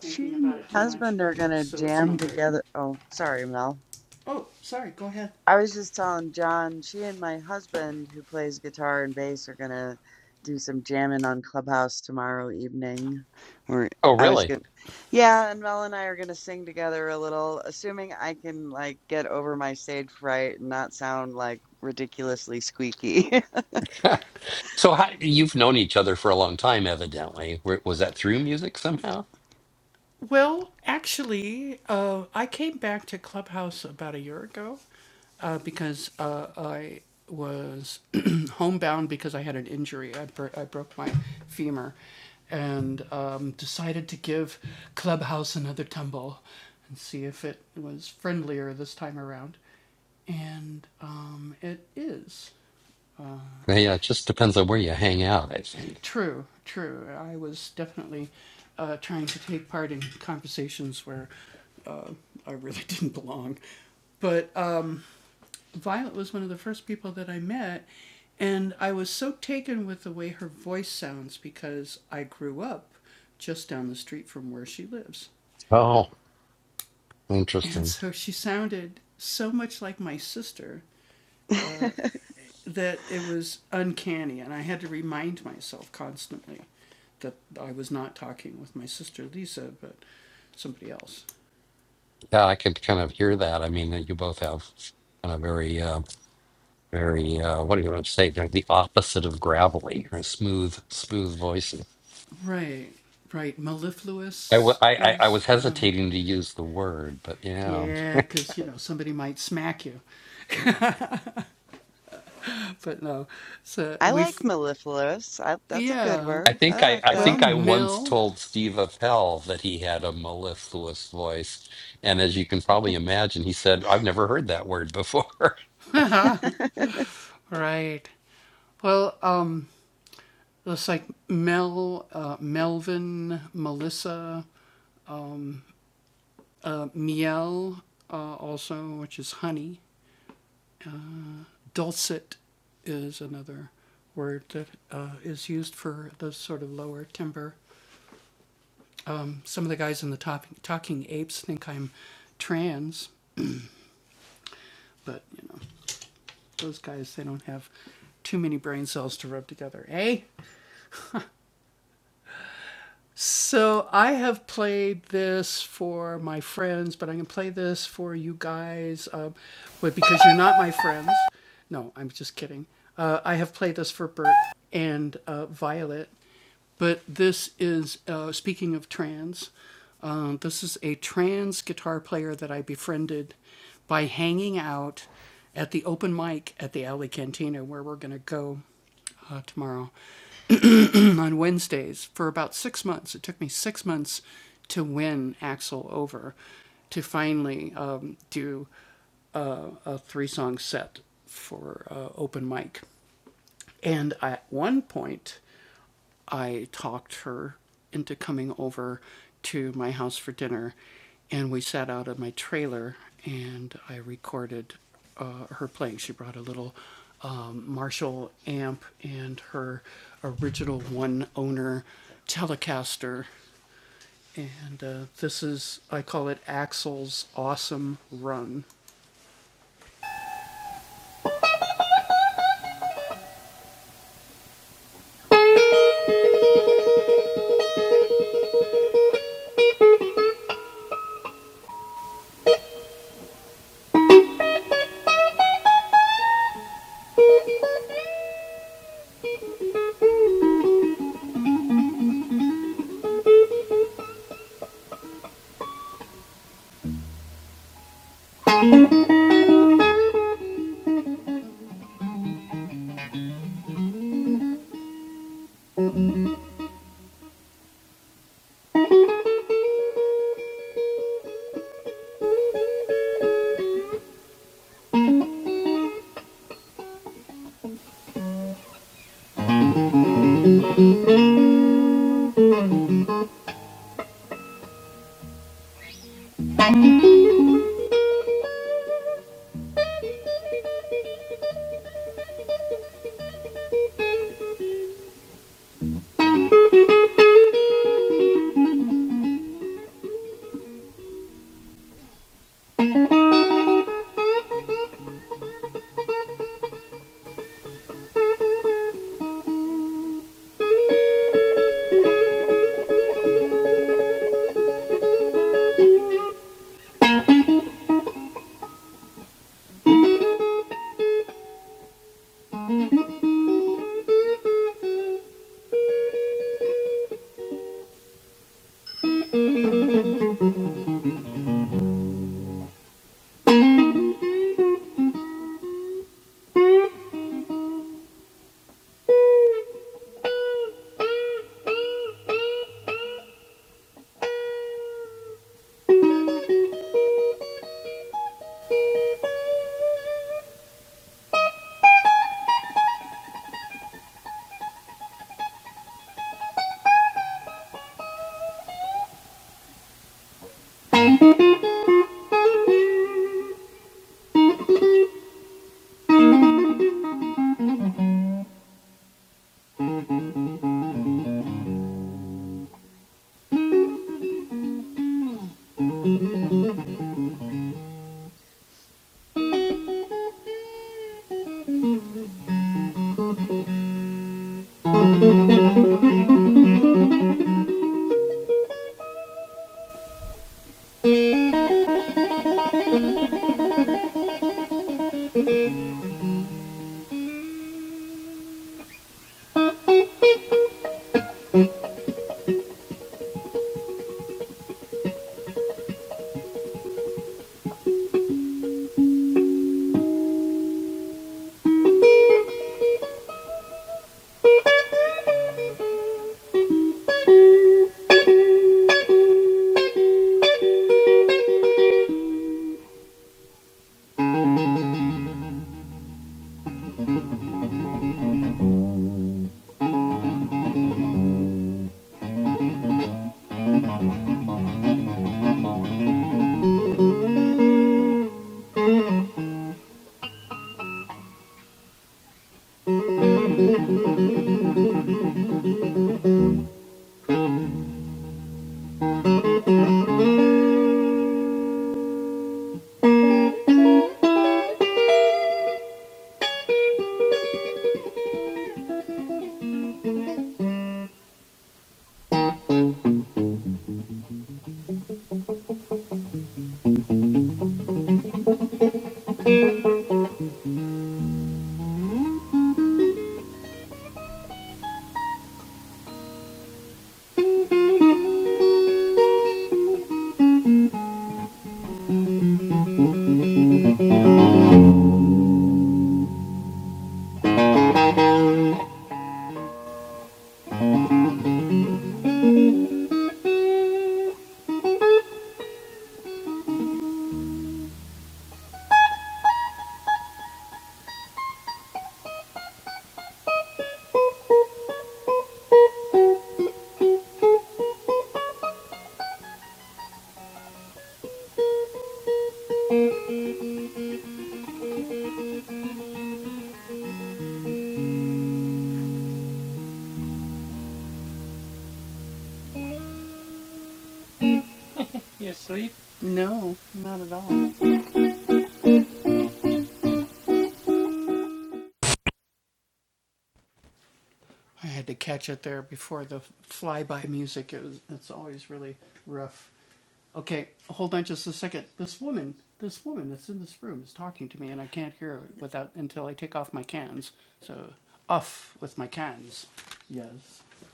S1: She and my husband are gonna jam together. Oh, sorry, Mel. I was just telling John, she and my husband, who plays guitar and bass, are gonna do some jamming on Clubhouse tomorrow evening. We're
S6: Oh,
S1: I was
S6: really?
S1: gonna, yeah, and Mel and I are gonna sing together a little, assuming I can like get over my stage fright and not sound like ridiculously squeaky.
S6: so how, you've known each other for a long time, evidently. Were- Was that through music somehow? Yeah, it just depends on where you hang out, I think. Oh, interesting. Yeah, I could kind of hear that. I mean, you both have kind of very, uh, very, uh, what do you want to say? Like the opposite of gravelly or smooth, smooth voices. I, w- I, I I was hesitating to use the word, but yeah.
S1: I like mellifluous. I, that's a good
S6: I
S1: word.
S6: think
S1: I
S6: I, I
S1: like
S6: think I once told Steve Appel that he had a mellifluous voice, and as you can probably imagine, he said, "I've never heard that word before."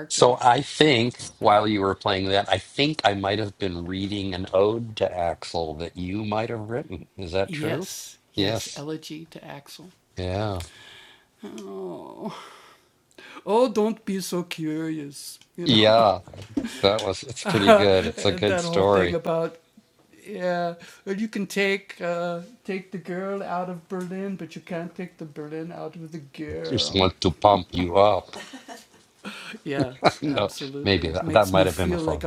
S6: so I think while you were playing that, I think I might have been reading an ode to Axel that you might have written. Is that true? Yes. Yeah. Yeah. That was. It's pretty good. It's a good story. Just want to pump you up. no, maybe that, that might have been a phone.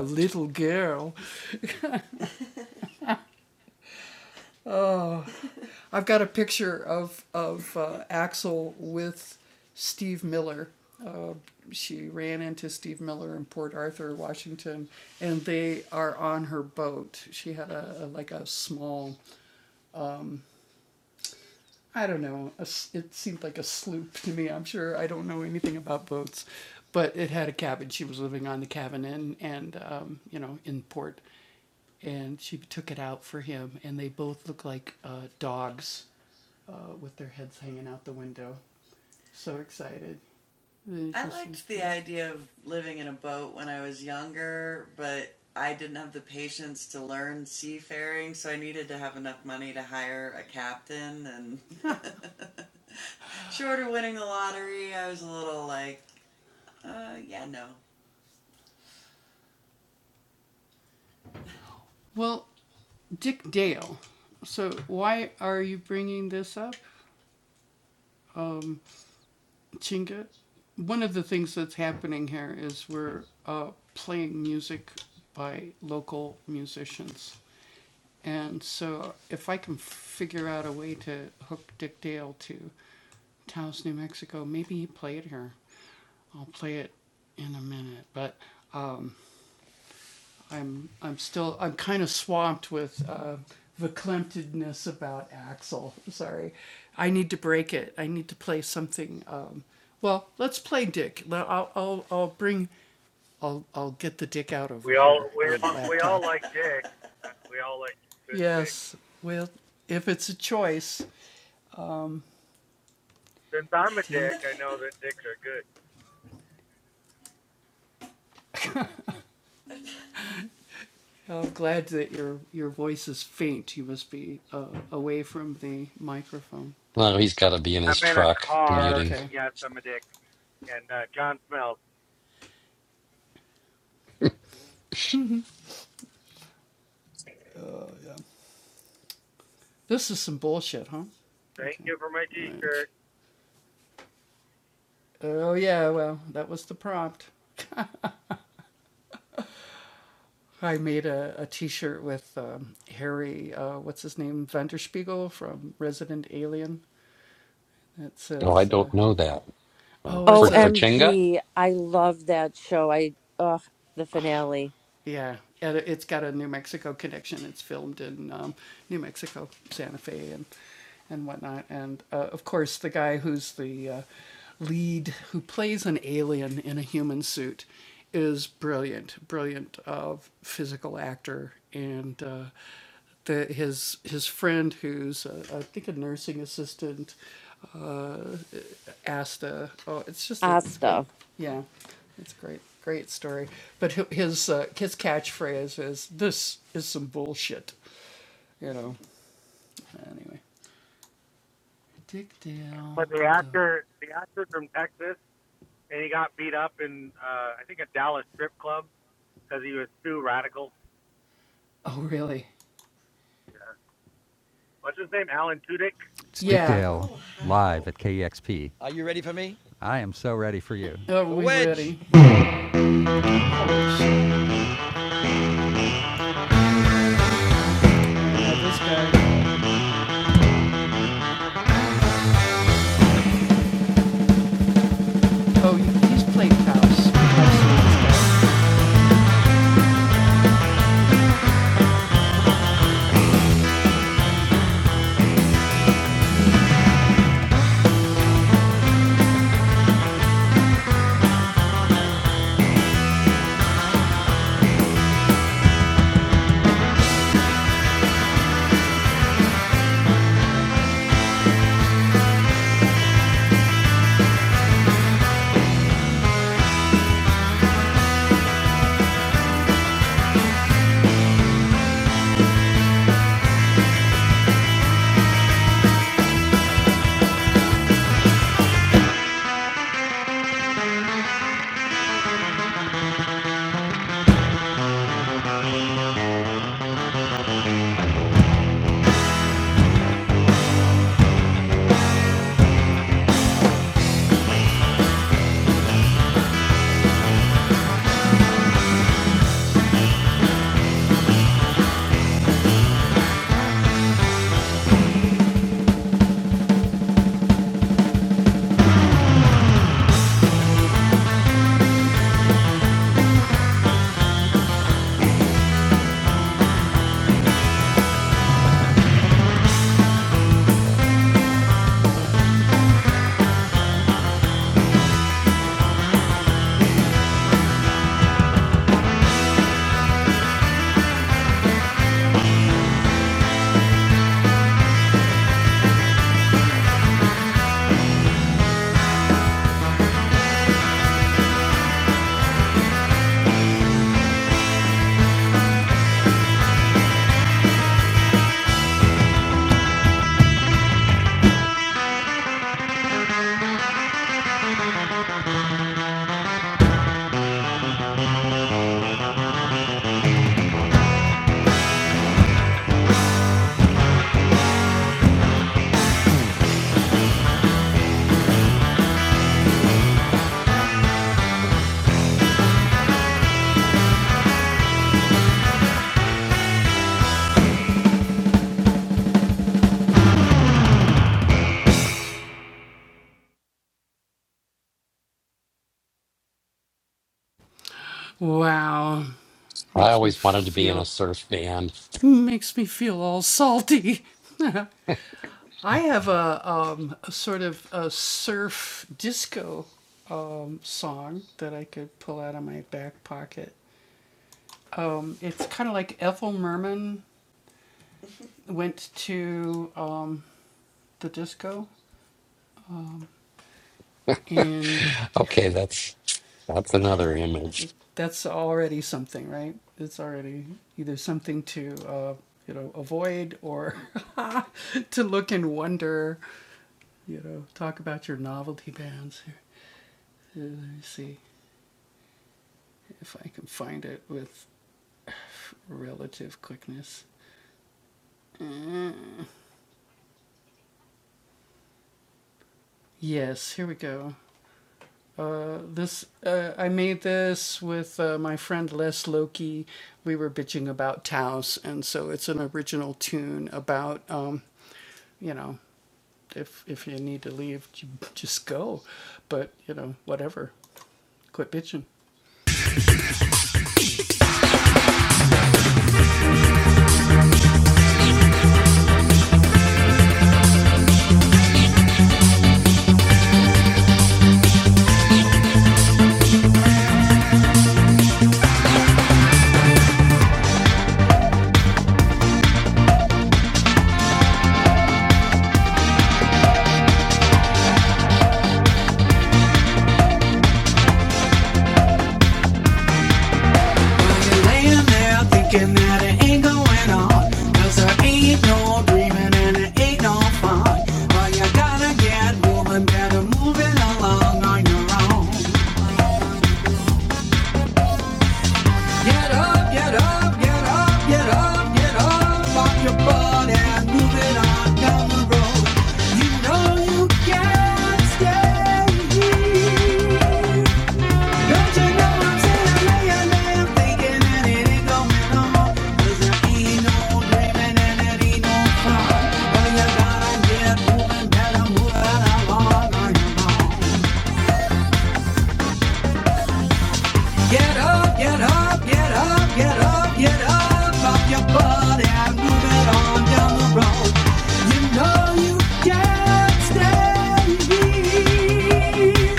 S7: We all we all, we all like dick. Uh, We all like good dick. Since I'm a dick, I know that dicks are good.
S6: No, he's got to be in
S7: I'm
S6: his
S7: in a
S6: truck
S7: car,
S6: commuting.
S7: and yes, I'm a dick. And uh, John Smells. Thank you for my T-shirt.
S6: No, I don't know that. So, For for Chinga,
S3: OMG, I love that show. I ugh, the finale. Asta.
S7: But the actor, the actor from Texas, and he got beat up in uh, I think a Dallas strip club because he was too radical. Yeah. What's his name? Alan Tudyk.
S2: Live at KEXP. I am so ready for you.
S6: I always wanted to be in a surf band. okay, that's that's another image.
S2: You're laying there thinking that it ain't going on. 'Cause there ain't no dreaming and it ain't no fun. Well, you gotta get moving, better move it along on your own. Get up, get up, get up, get up, get up. off your butt and move it on down the road. You know you can't stay here. Don't you know I'm saying laying there thinking that it ain't going no more? 'Cause I ain't no dreaming and it ain't no fun. Well, you gotta get moving, gotta move out along on your own. Get up, get up, get up, get up, get up off your butt and move it on down the road. You know you can't stay here.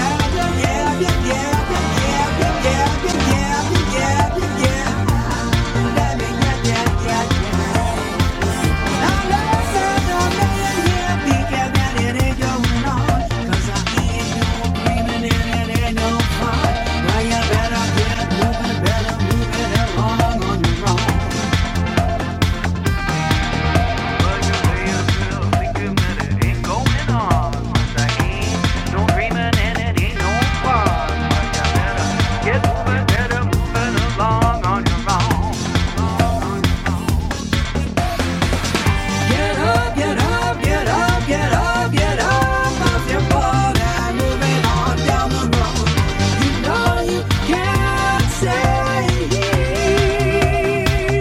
S2: Yeah, yeah, yeah, yeah, yeah, yeah, yeah, yeah, yeah, yeah. Let me Say it.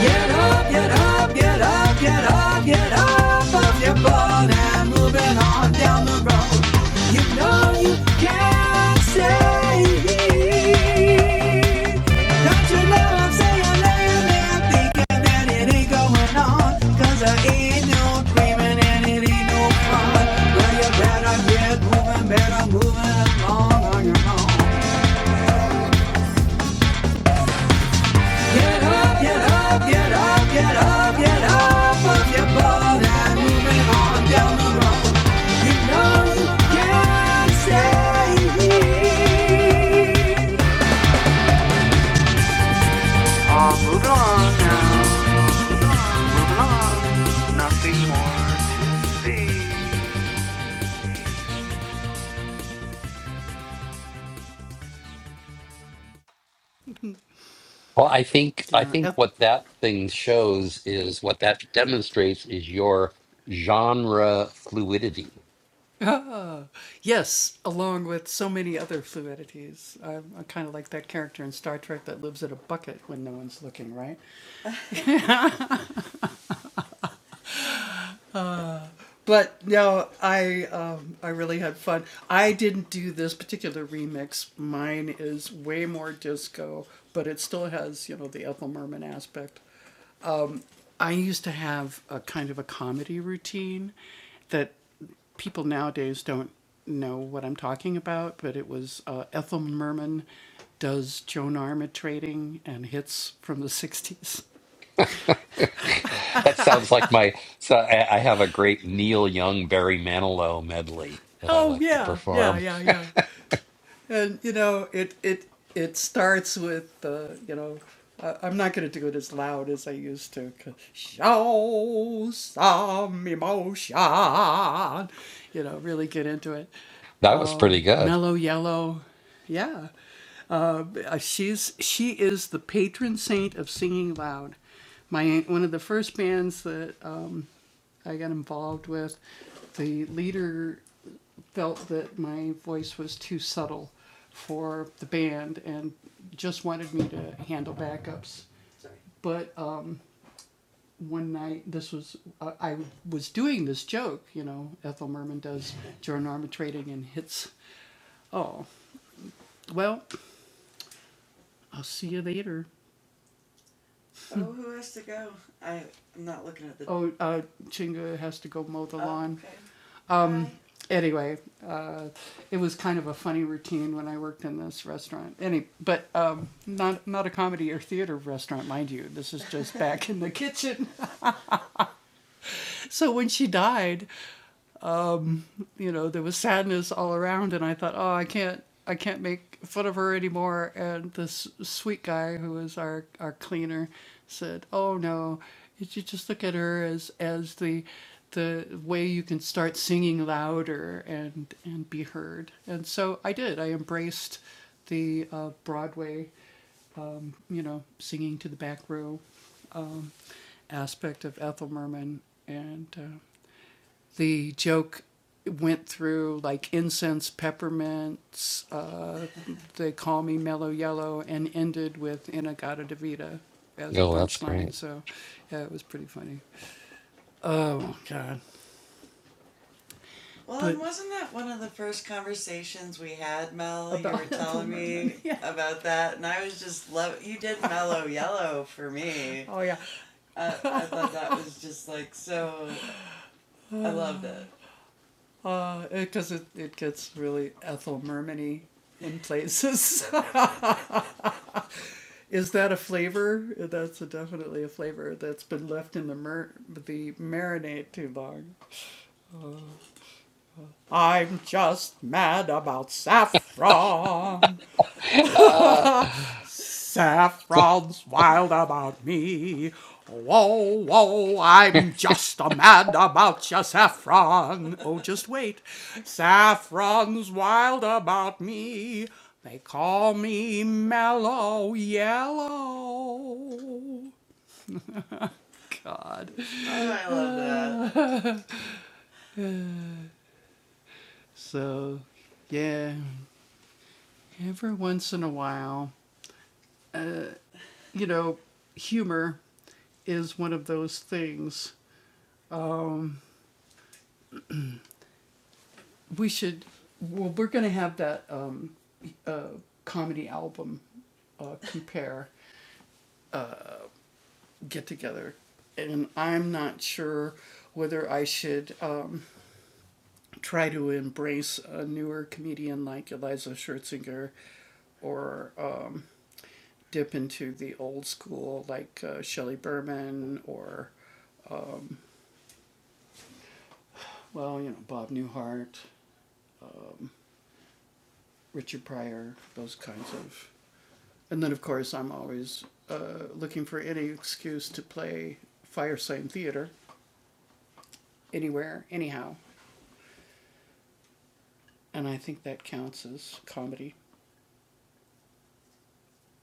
S2: Get up, get up, get up, get up, get up off your butt and moving on down the road. You know you can't say Don't you know I'm saying that thinking that it ain't going on? Cause I ain't no dreaming and it ain't no fun. Well, you better get moving, better moving along on your own. Get up, get up, get up, get up, get up off your butt and moving on down the road. You know you can stay here. Oh,
S6: Well, I think I think what that thing shows is what that demonstrates is your genre fluidity. that sounds like my. So I, I have a great Neil Young Barry Manilow medley that I like to perform. That was pretty good. Oh, that's great. Uh,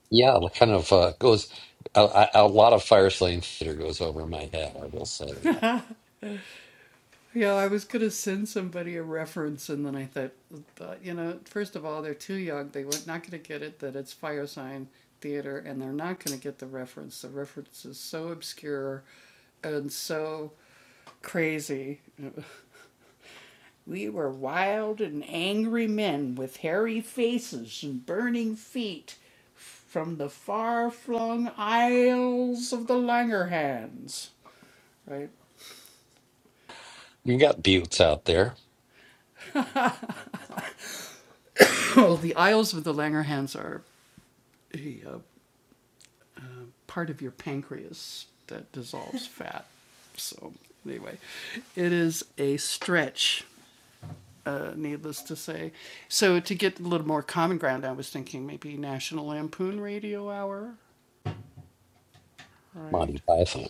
S6: Yeah, like, kind of uh, goes a, a a lot of Firefly and Theater goes over my head. I will say that you got buttes out there, Monty Python.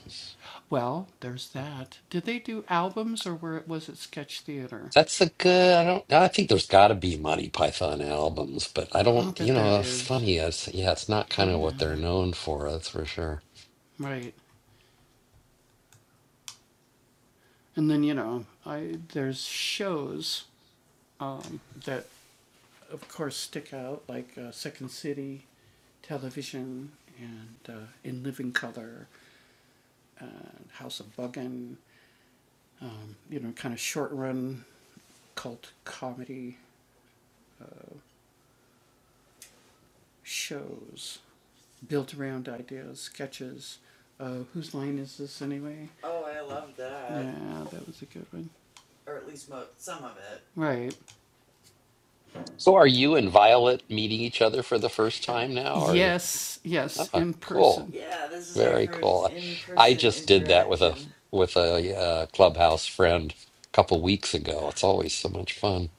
S6: That's a good. I don't. I think there's got to be Monty Python albums, but I don't. You know, it's funny. It's yeah, it's not kind of what they're known for. That's for sure. So, are you and Violet meeting each other for the first time now, or? is- Oh, cool. Very cool. I just did that with a with a uh, clubhouse friend a couple weeks ago. It's always so much fun.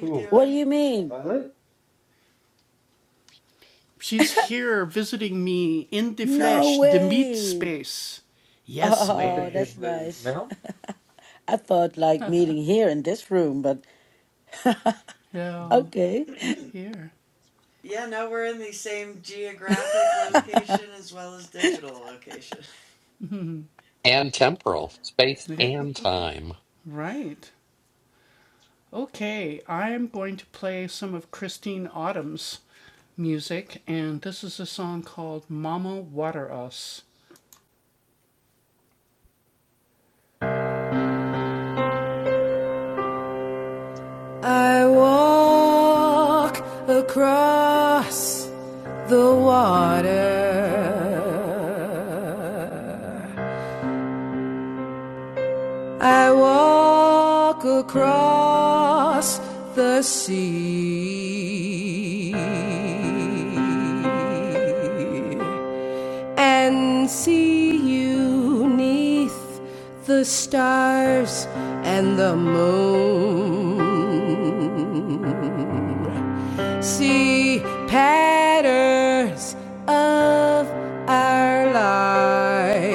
S8: Who?
S9: What do you mean?
S8: Violet?
S9: No way. Oh,
S8: Violet is
S9: that's
S8: with
S9: nice.
S8: Mel?
S9: I thought like meeting here in this room, but okay.
S6: And temporal, space and time.
S2: I walk across the water. I walk across the sea and see you neath the stars and the moon. See patterns of our lives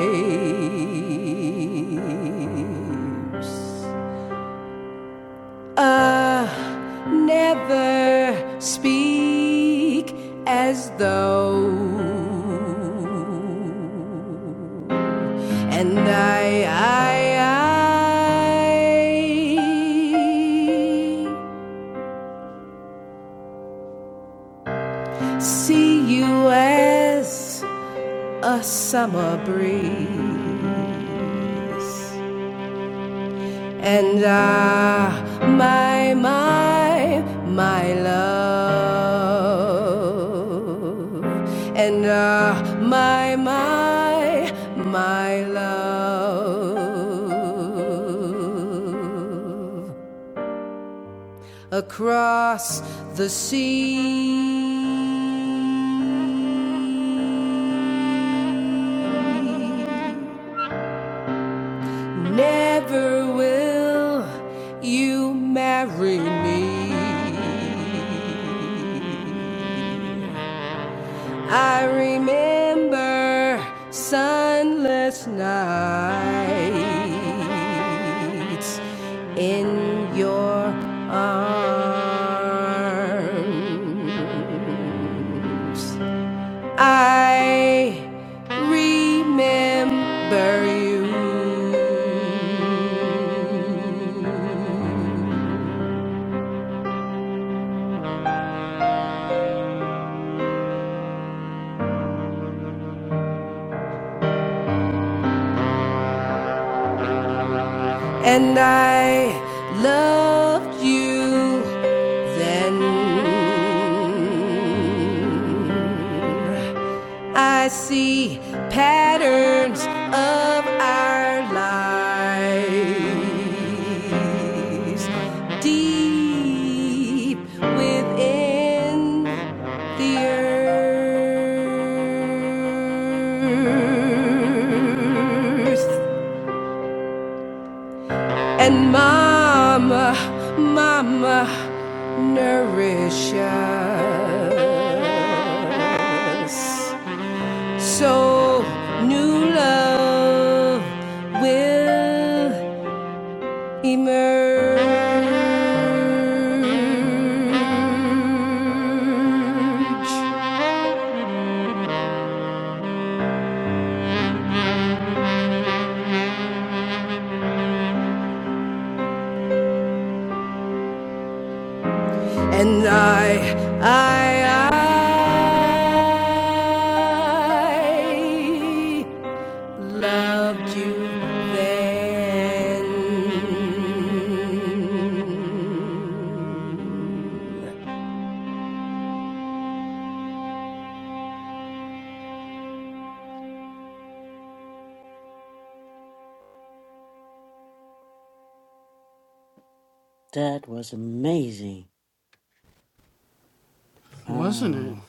S2: Uh, never speak as though. And I, I, I see you as a summer breeze. And ah, my, my, my love. And ah, my, my, my love. Across the sea. Never will you marry me. I remember sunless nights in your arms. I remember you. And I loved you then. I see patterns of our lives deep within the earth. And mama, mama, nourish us. So new love will emerge. And I, I, I loved you then.
S9: That was amazing. Wow.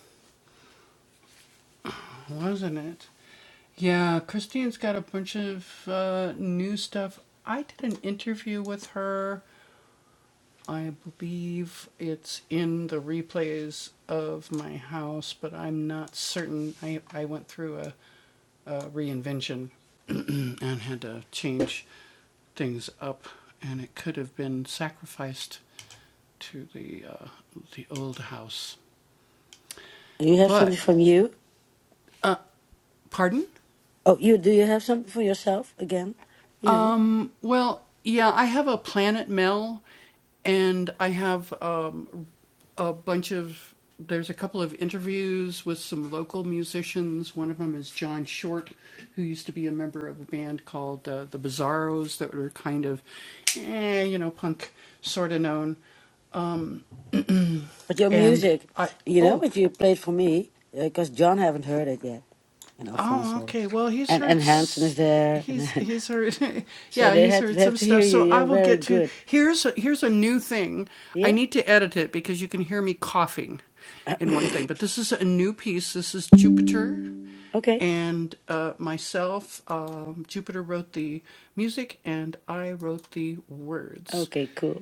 S9: You have something from you? Oh, you do you have something for yourself again? You know, but your music, you know, what you played for me because John haven't heard it yet, and Alfonso, and and Hanson is there, and so they had to have to hear you. You're very good. Yeah. okay. Okay. Cool.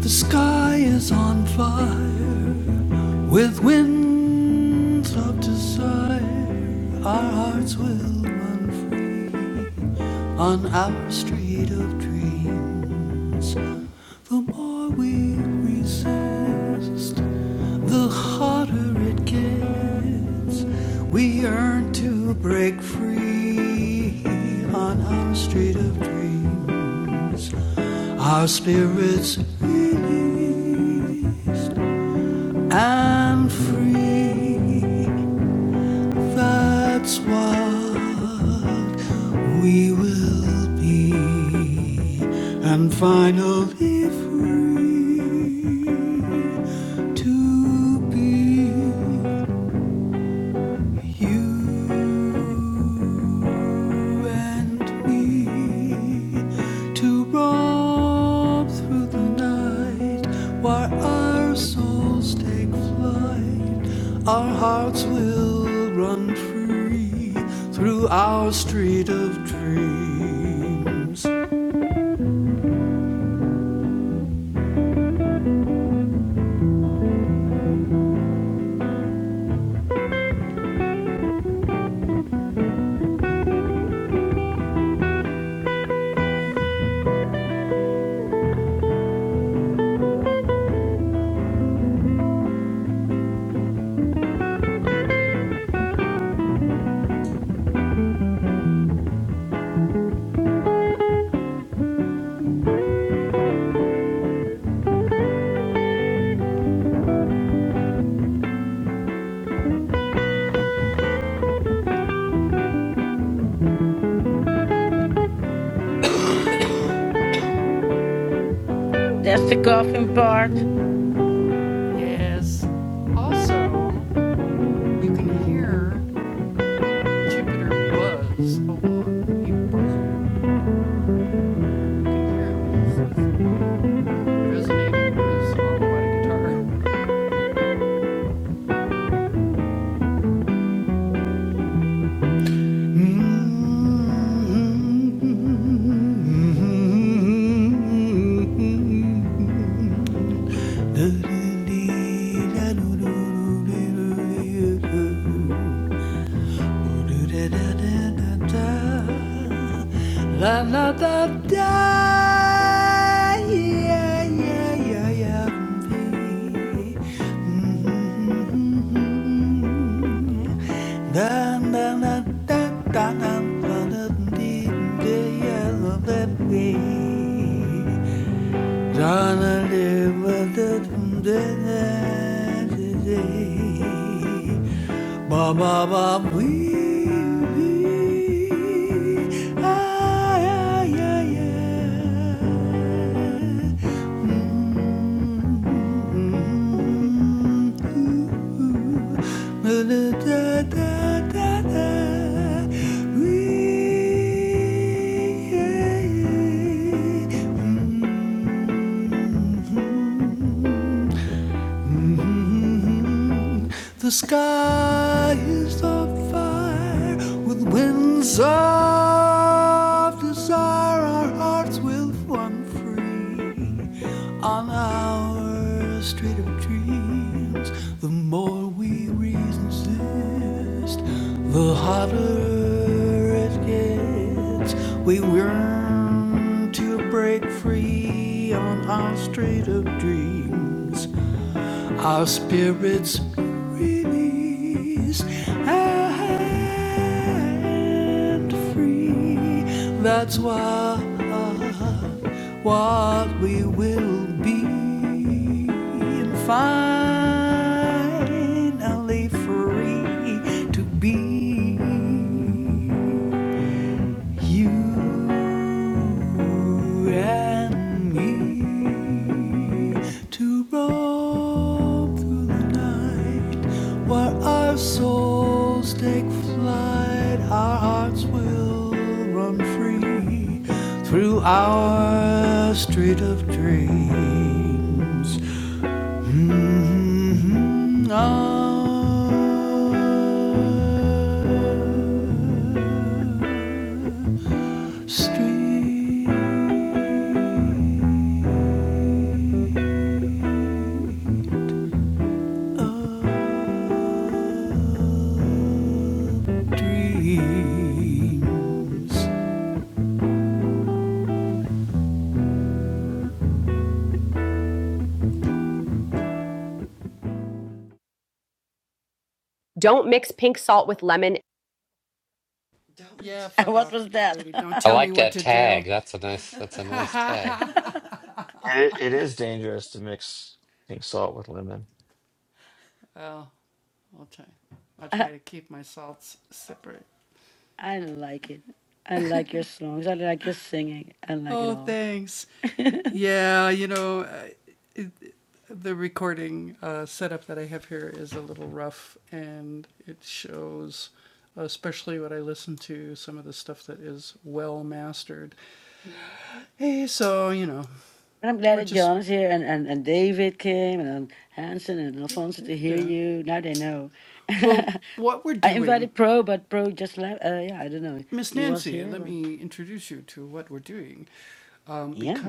S2: The sky is on fire with winds of desire. Our hearts will run free. on our street of dreams. The more we resist, the harder it gets. We yearn to break free on our street of dreams. Our spirits release and free. That's what we will be, and finally free to be you and me to roam through the night while our souls take flight. Our hearts will run free through our street of dreams.
S9: That's the coughing part.
S2: Mm-hmm. La la da da, yeah, yeah, yeah, yeah. Mm-hmm. Da da da da da da da da dee, yeah, yeah, yeah, yeah ba ba ba wee wee ay yeah, yeah, ay. Mm. Mm-hmm. Mm-hmm. The sky is on fire with winds of desire. Our hearts will run free on our street of dreams. The more we resist, the hotter it gets. We yearn to break free on our street of dreams our spirits release and free. That's what what we will be. And finally free to be. You and me to roam through the night while our souls take flight, our hearts will run free through our street of dreams. Mhm, Our street dreams. Don't mix pink salt with lemon
S9: What was that?
S6: I like that tag. That's a nice that's a nice tag.
S10: It, it is dangerous to mix pink salt with lemon.
S9: I, I like it. I like your songs. I like your singing. I like it all. But I'm glad that John is here and, and, and David came and um, Hanson and Alfonso to hear you. Now they know. I invited Pro, but Pro just left. Uh, yeah, I don't know. He was here, but yeah.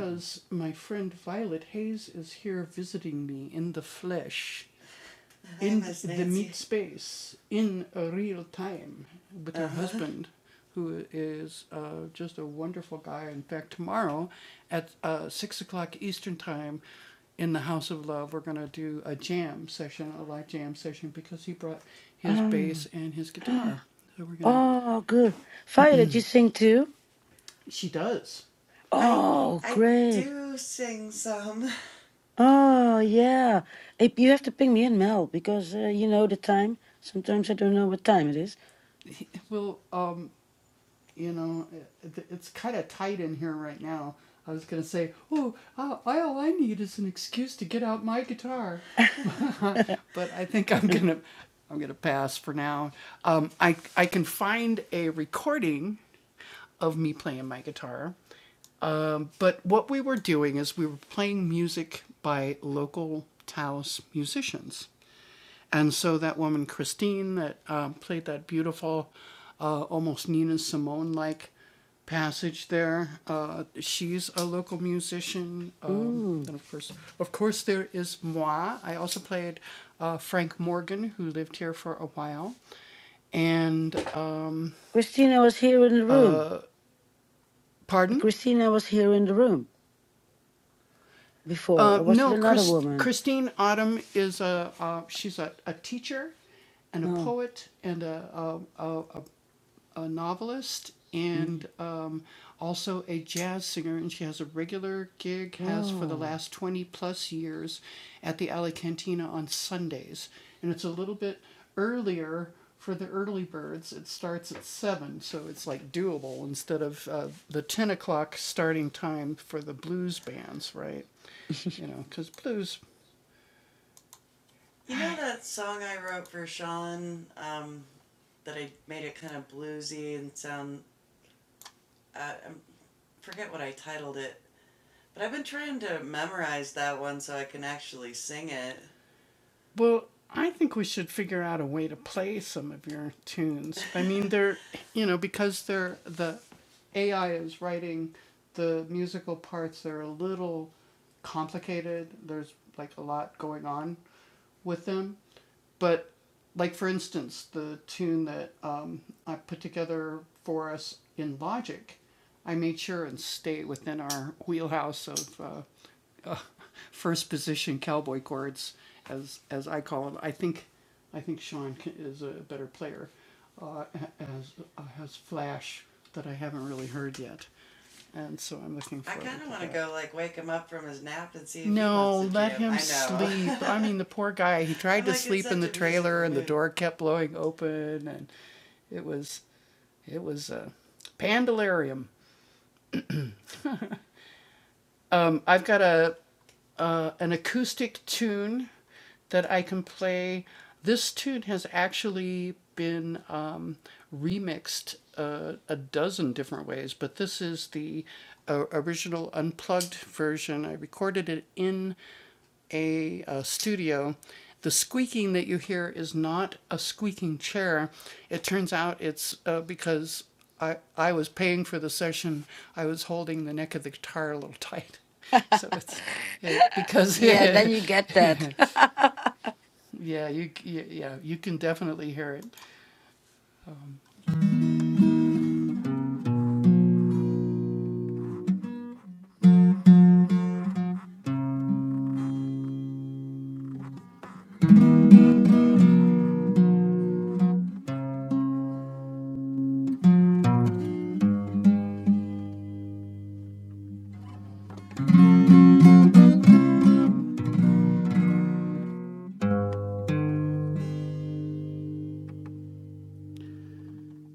S9: Oh, oh, good. Violet, you sing too? Oh, great. Oh yeah, Eh, you have to ping me in, Mel, because uh, you know the time. Sometimes I don't know what time it is. Uh, Mm. Christina was here in the room. Uh, Christina was here in the room before, or was it another woman? Oh, mm. oh, yeah. Then you get that.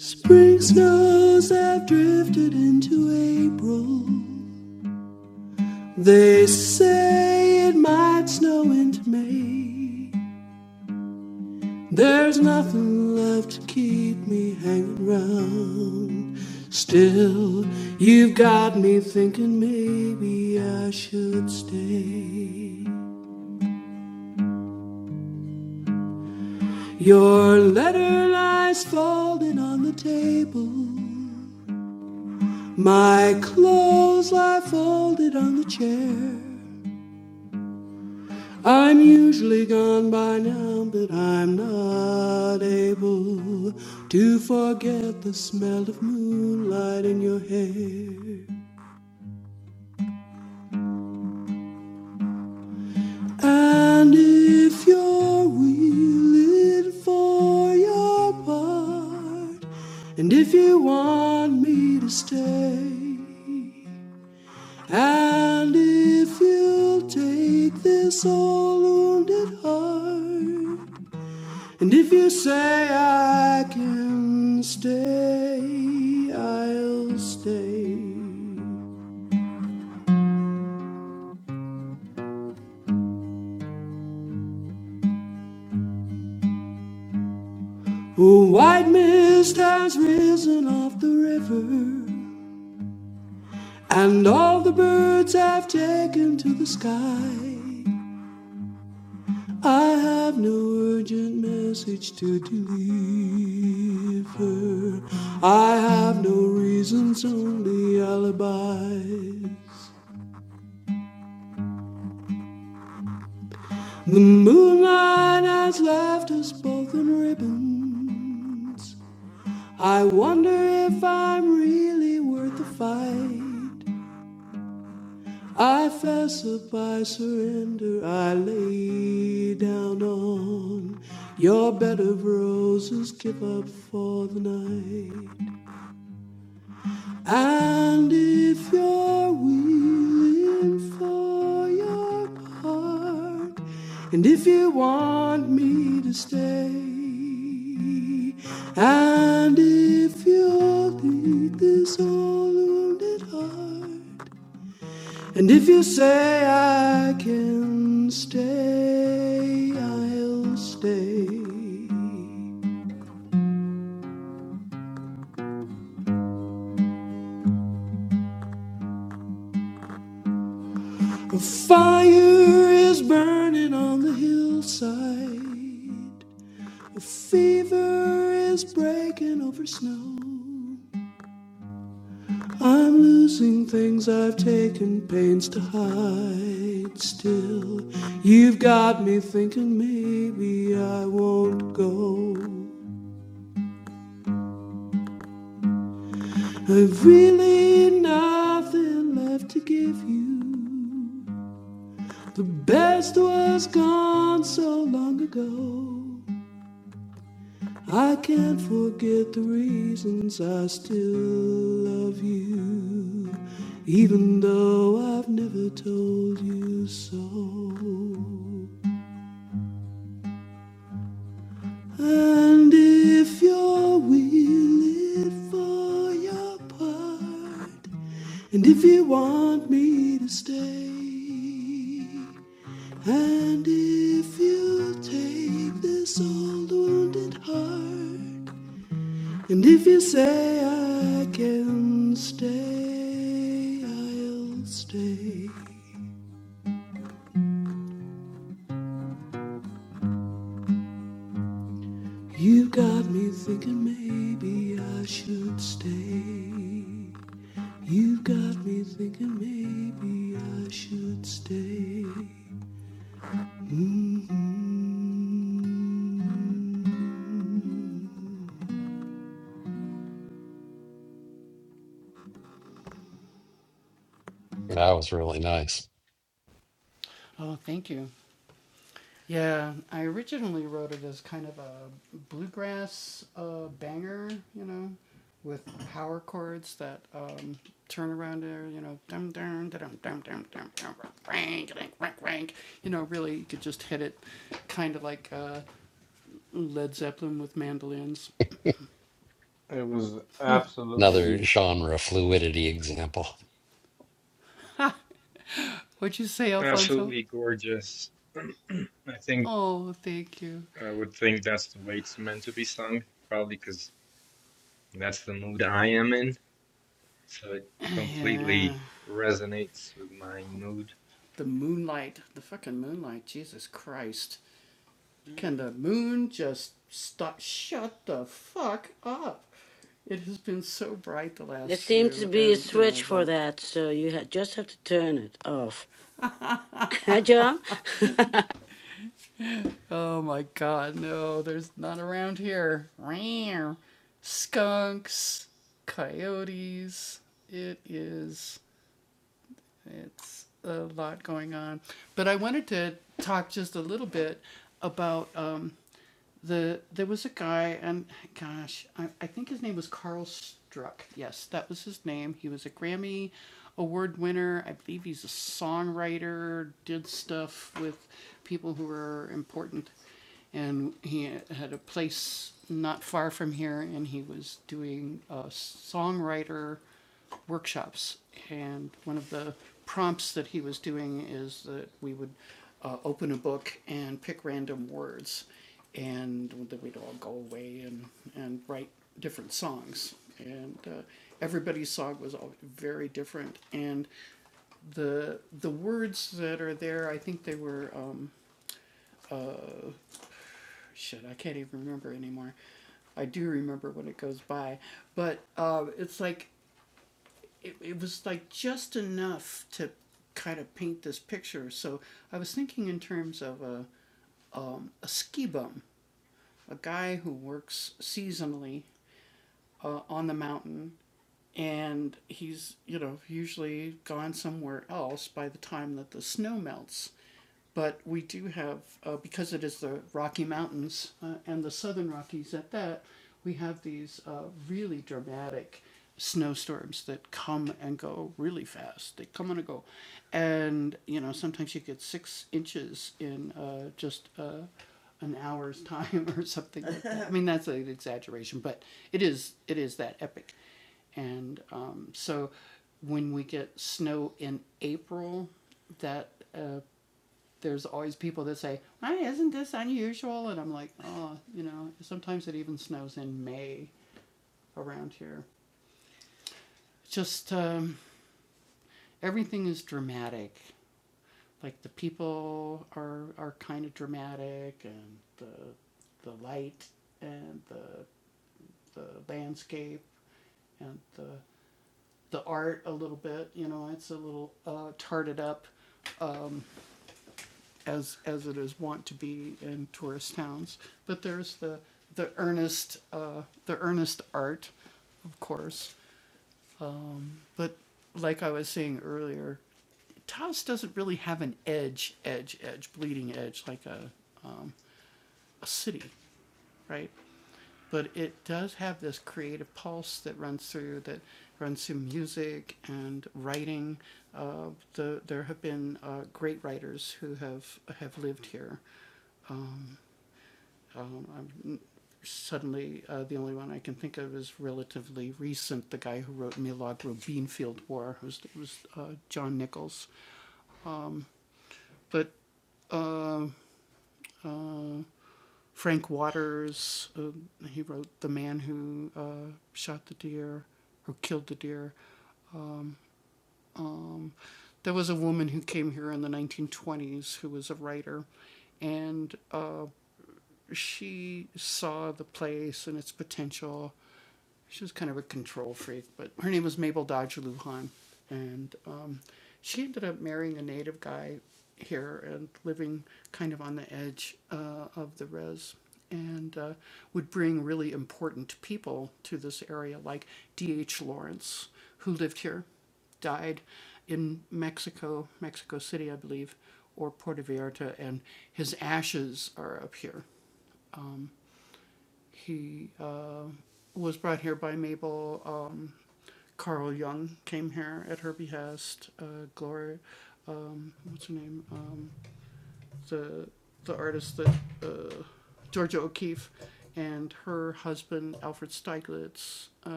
S2: Spring snows have drifted into April. They say it might snow into May. There's nothing left to keep me hanging round. Still, you've got me thinking maybe I should stay. Your letter lies folded on the table. My clothes lie folded on the chair. I'm usually gone by now, but I'm not able to forget the smell of moonlight in your hair. And if you're willing for your part, and if you want me to stay, and if you'll take this all wounded heart And if you say I can stay, I'll stay. A white mist has risen off the river, and all the birds have taken to the sky. I have no urgent message to deliver. I have no reasons, only alibis. The moonlight has left us both in ribbons. I wonder if I'm really worth the fight. I fess up, I surrender, I lay down on your bed of roses, give up for the night. And if you're willing for your part, and if you want me to stay, and if you'll take this all wounded heart, and if you say I can stay, I'll stay. A fire is burning on the hillside. The fever is breaking over snow. I'm losing things I've taken pains to hide still. You've got me thinking maybe I won't go. I've really nothing left to give you. The best was gone so long ago. I can't forget the reasons I still love you, even though I've never told you so. And if you're willing for your part, and if you want me to stay, and if you take this old wounded heart. And if you say I can stay, I'll stay. You got me
S6: Yeah, That was really nice.
S8: It was
S6: Another
S8: absolutely,
S6: genre fluidity example.
S8: absolutely gorgeous. I think I would think that's the way it's meant to be sung, probably because that's the mood I am in. So it completely resonates with my mood.
S9: there seems to be a switch for that, so you ha- just have to turn it off. Hi, John.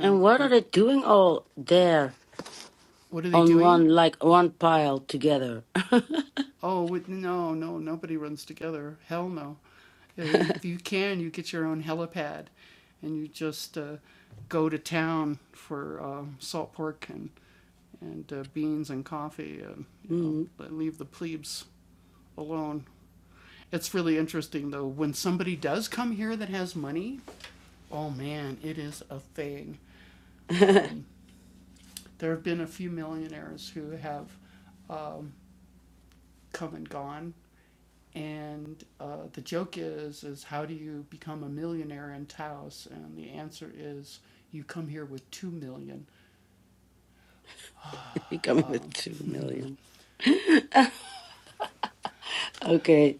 S9: and what are they doing all there on one, like one pile together? Mm. you coming with two million. Okay.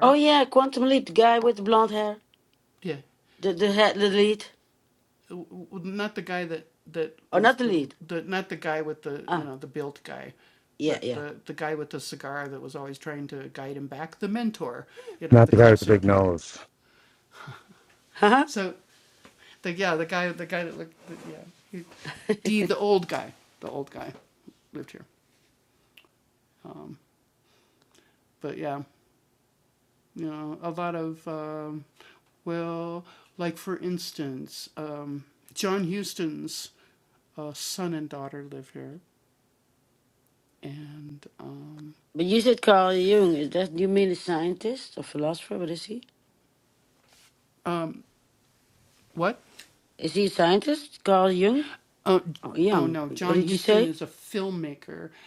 S9: Oh yeah, Quantum Leap, the guy with the blonde hair. The the head the lead. Or not the lead. Ah, yeah, yeah.
S7: Not the guy with the big nose.
S9: Huh? but you said Carl Jung, is that you mean a scientist or philosopher? What is he? Is he a scientist? Carl Jung? Oh Young. What did you say?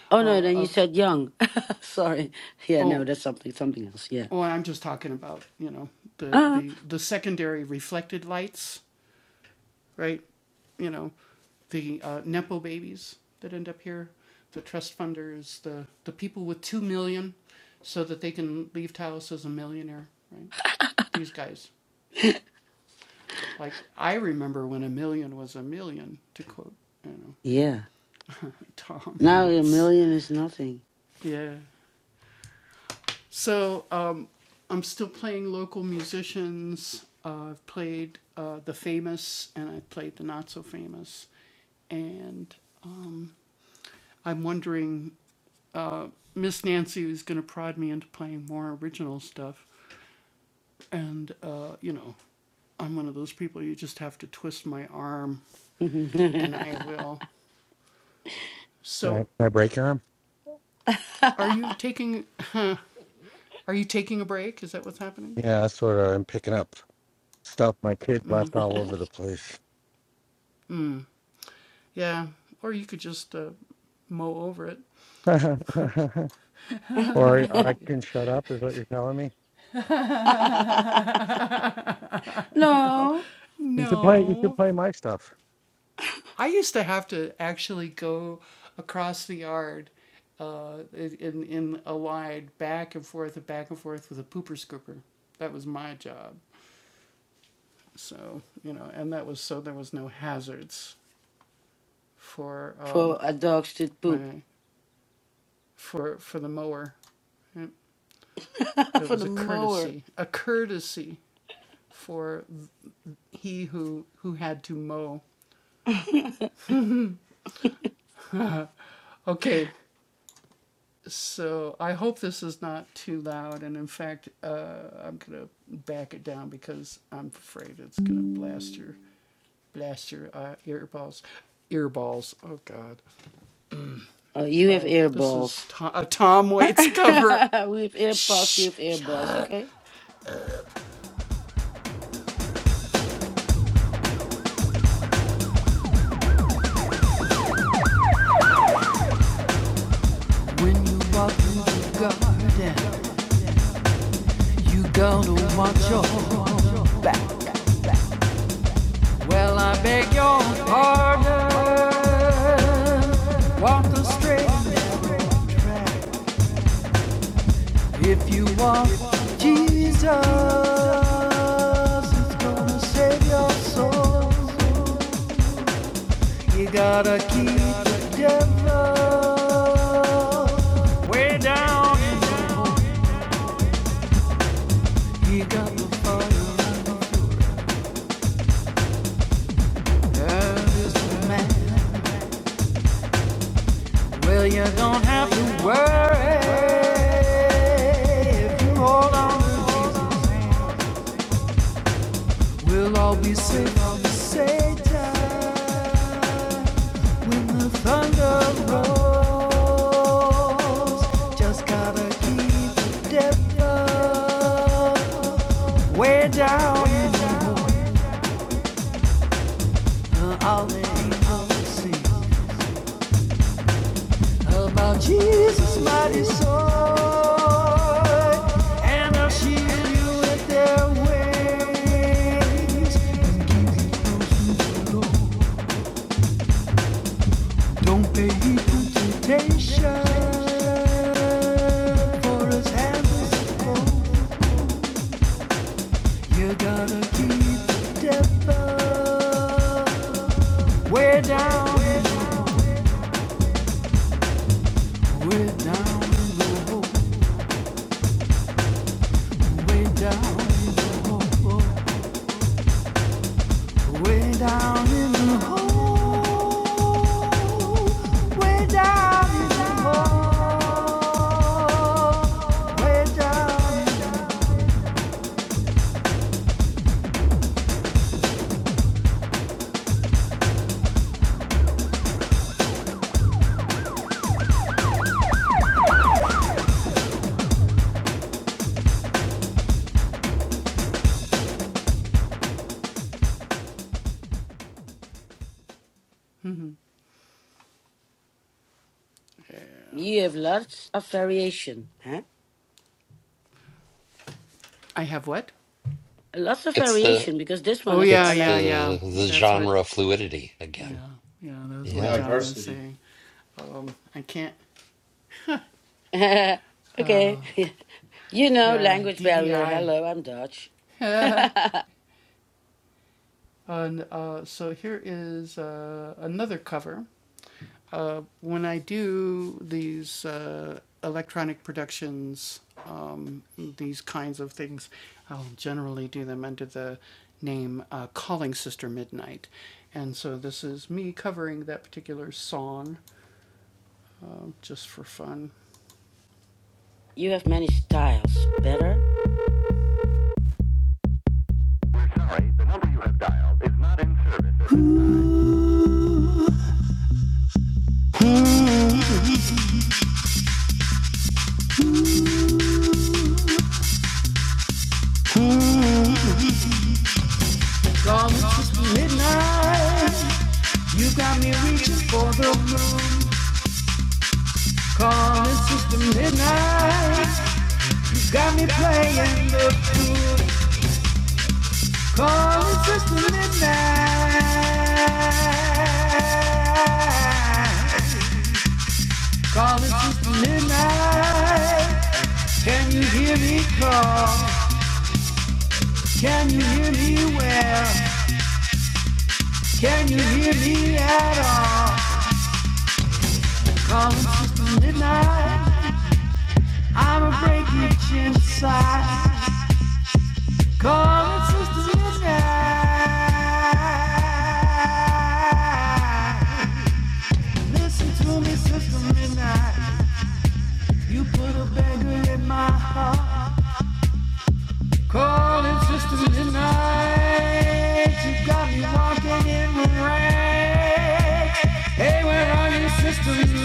S9: Oh no, then you said young. Sorry. Yeah, no, that's something something else. Yeah. Ah. yeah. Now a million is nothing.
S7: Can I, can I break your arm? Yeah, that's what I'm picking up. Stuff my kid left all over the place. or I- or I can shut up is what you're telling me.
S9: no,
S7: You should play you should play my stuff.
S9: for a dog should poop for the mower. Oh, you have air balls. we have air balls. You have air balls. Okay.
S2: when you walk through the garden. You gotta watch your heart. Well, I beg your pardon. Walk the straight if you walk, Jesus. It's gonna save your soul. You gotta keep the devil way down. in the hole. You got to fire. Love is the man. Well, you don't have to worry. If you hold on to Jesus' we'll all be safe on the same time. Ways and give you those who belong. Don't pay equal temptation for as to before. You gotta keep the devil way down, way down in the hole, way down in the hole, way down in the hole, way down in the hole, way down.
S9: You have lots of variation, huh? Lots of
S6: It's the
S9: variation because this one is I
S6: it's
S9: like to.
S6: the the genre fluidity again. Yeah.
S8: Diversity.
S9: okay, you know language barrier. Hello, I'm Dutch. you have many styles. Better.
S2: In the hole. Come since midnight, you got me reaching for the moon. Calling sister midnight, got me playing the fool. Calling sister midnight, calling sister midnight. Can you hear me call? Can you hear me well? Can you hear me at all? Calling sister midnight. I'm a break rich inside. Call it Sister Midnight. Listen to me, Sister Midnight. You put a beggar in my heart. Call it Sister Midnight. You got me walking in the rain. Hey, where are you, Sister Midnight?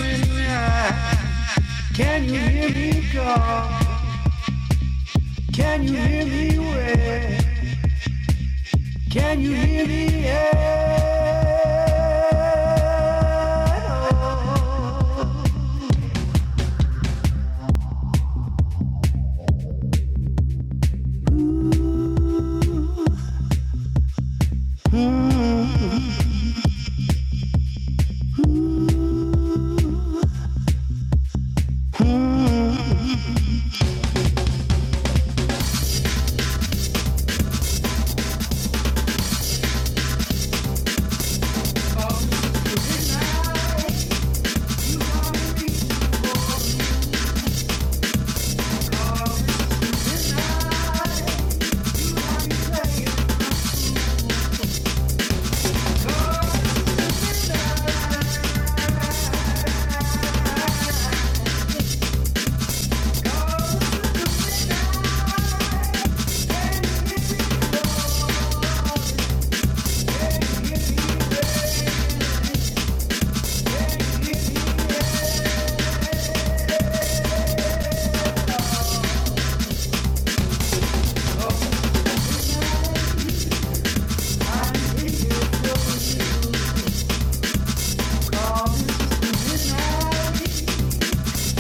S2: Can you hear me call? Can you hear me wail? Can you hear the echo?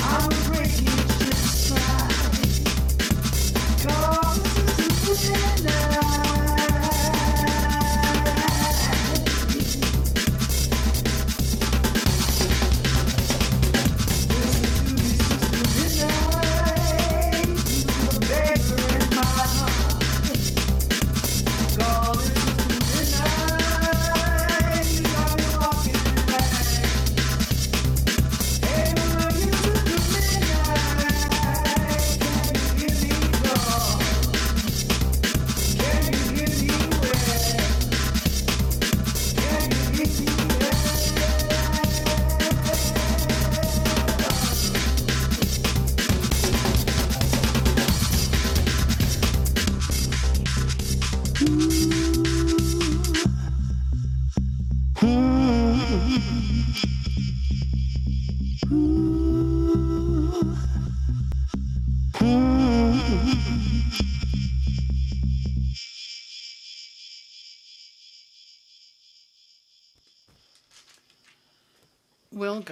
S2: I'm breaking shit's mind. Cause it's the midnight. Thank you. Can you hear me? well? Can you hear me? well?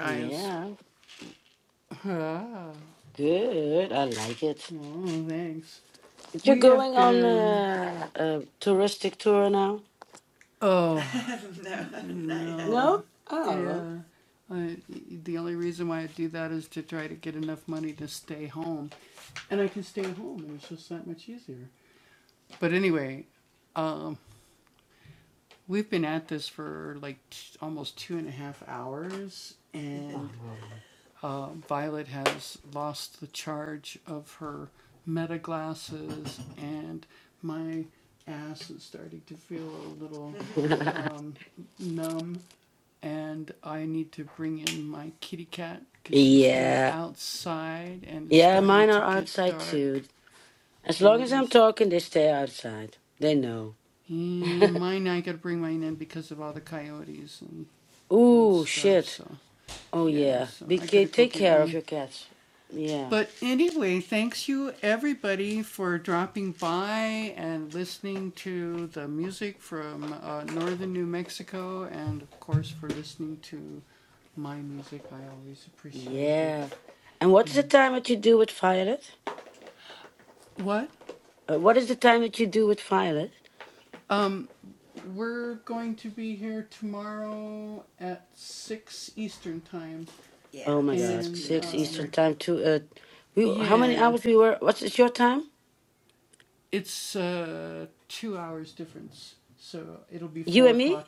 S9: Yeah. Good. I like it. You're going on a, a touristic tour now? No? Oh. Oh. Yeah. Yeah, mine are outside too. As long as I'm talking, they stay outside. They know. Ooh, shit. Oh, yeah. Be BK, take care of your cats. Yeah. Yeah. And what is the time that you do with Violet? Uh, what is the time that you do with Violet? Oh my God, six Eastern time. Two. Uh, we how many hours we were? What's it's your time? You and me?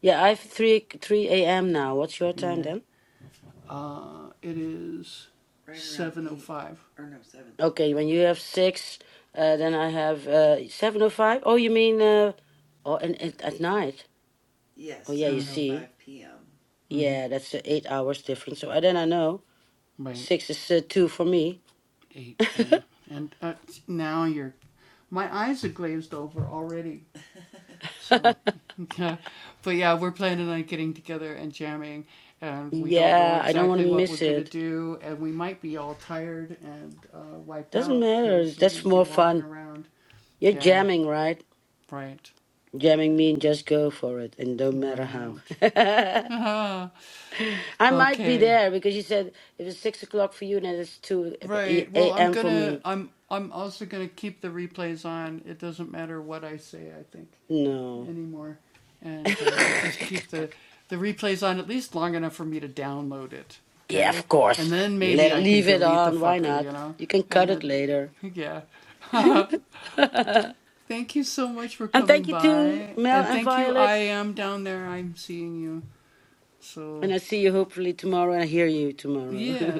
S9: Yeah, I have three three a.m. now. What's your time then? Okay, when you have six, uh, then I have uh seven o five. Oh, you mean uh, oh, and, and at night? Oh yeah, you see, yeah, that's uh, eight hours difference. So I then I know six is uh, two for me. Yeah, I don't want to miss it. Doesn't matter. That's more fun. You're jamming, right? Jamming mean just go for it, and don't matter how. I might be there because you said if it's six o'clock for you, then it's two e- a.m. for me. No. yeah, of course. Le- leave it on. Why not? You can cut it later. and thank you to Mel and Violet. And I see you hopefully tomorrow. I hear you tomorrow.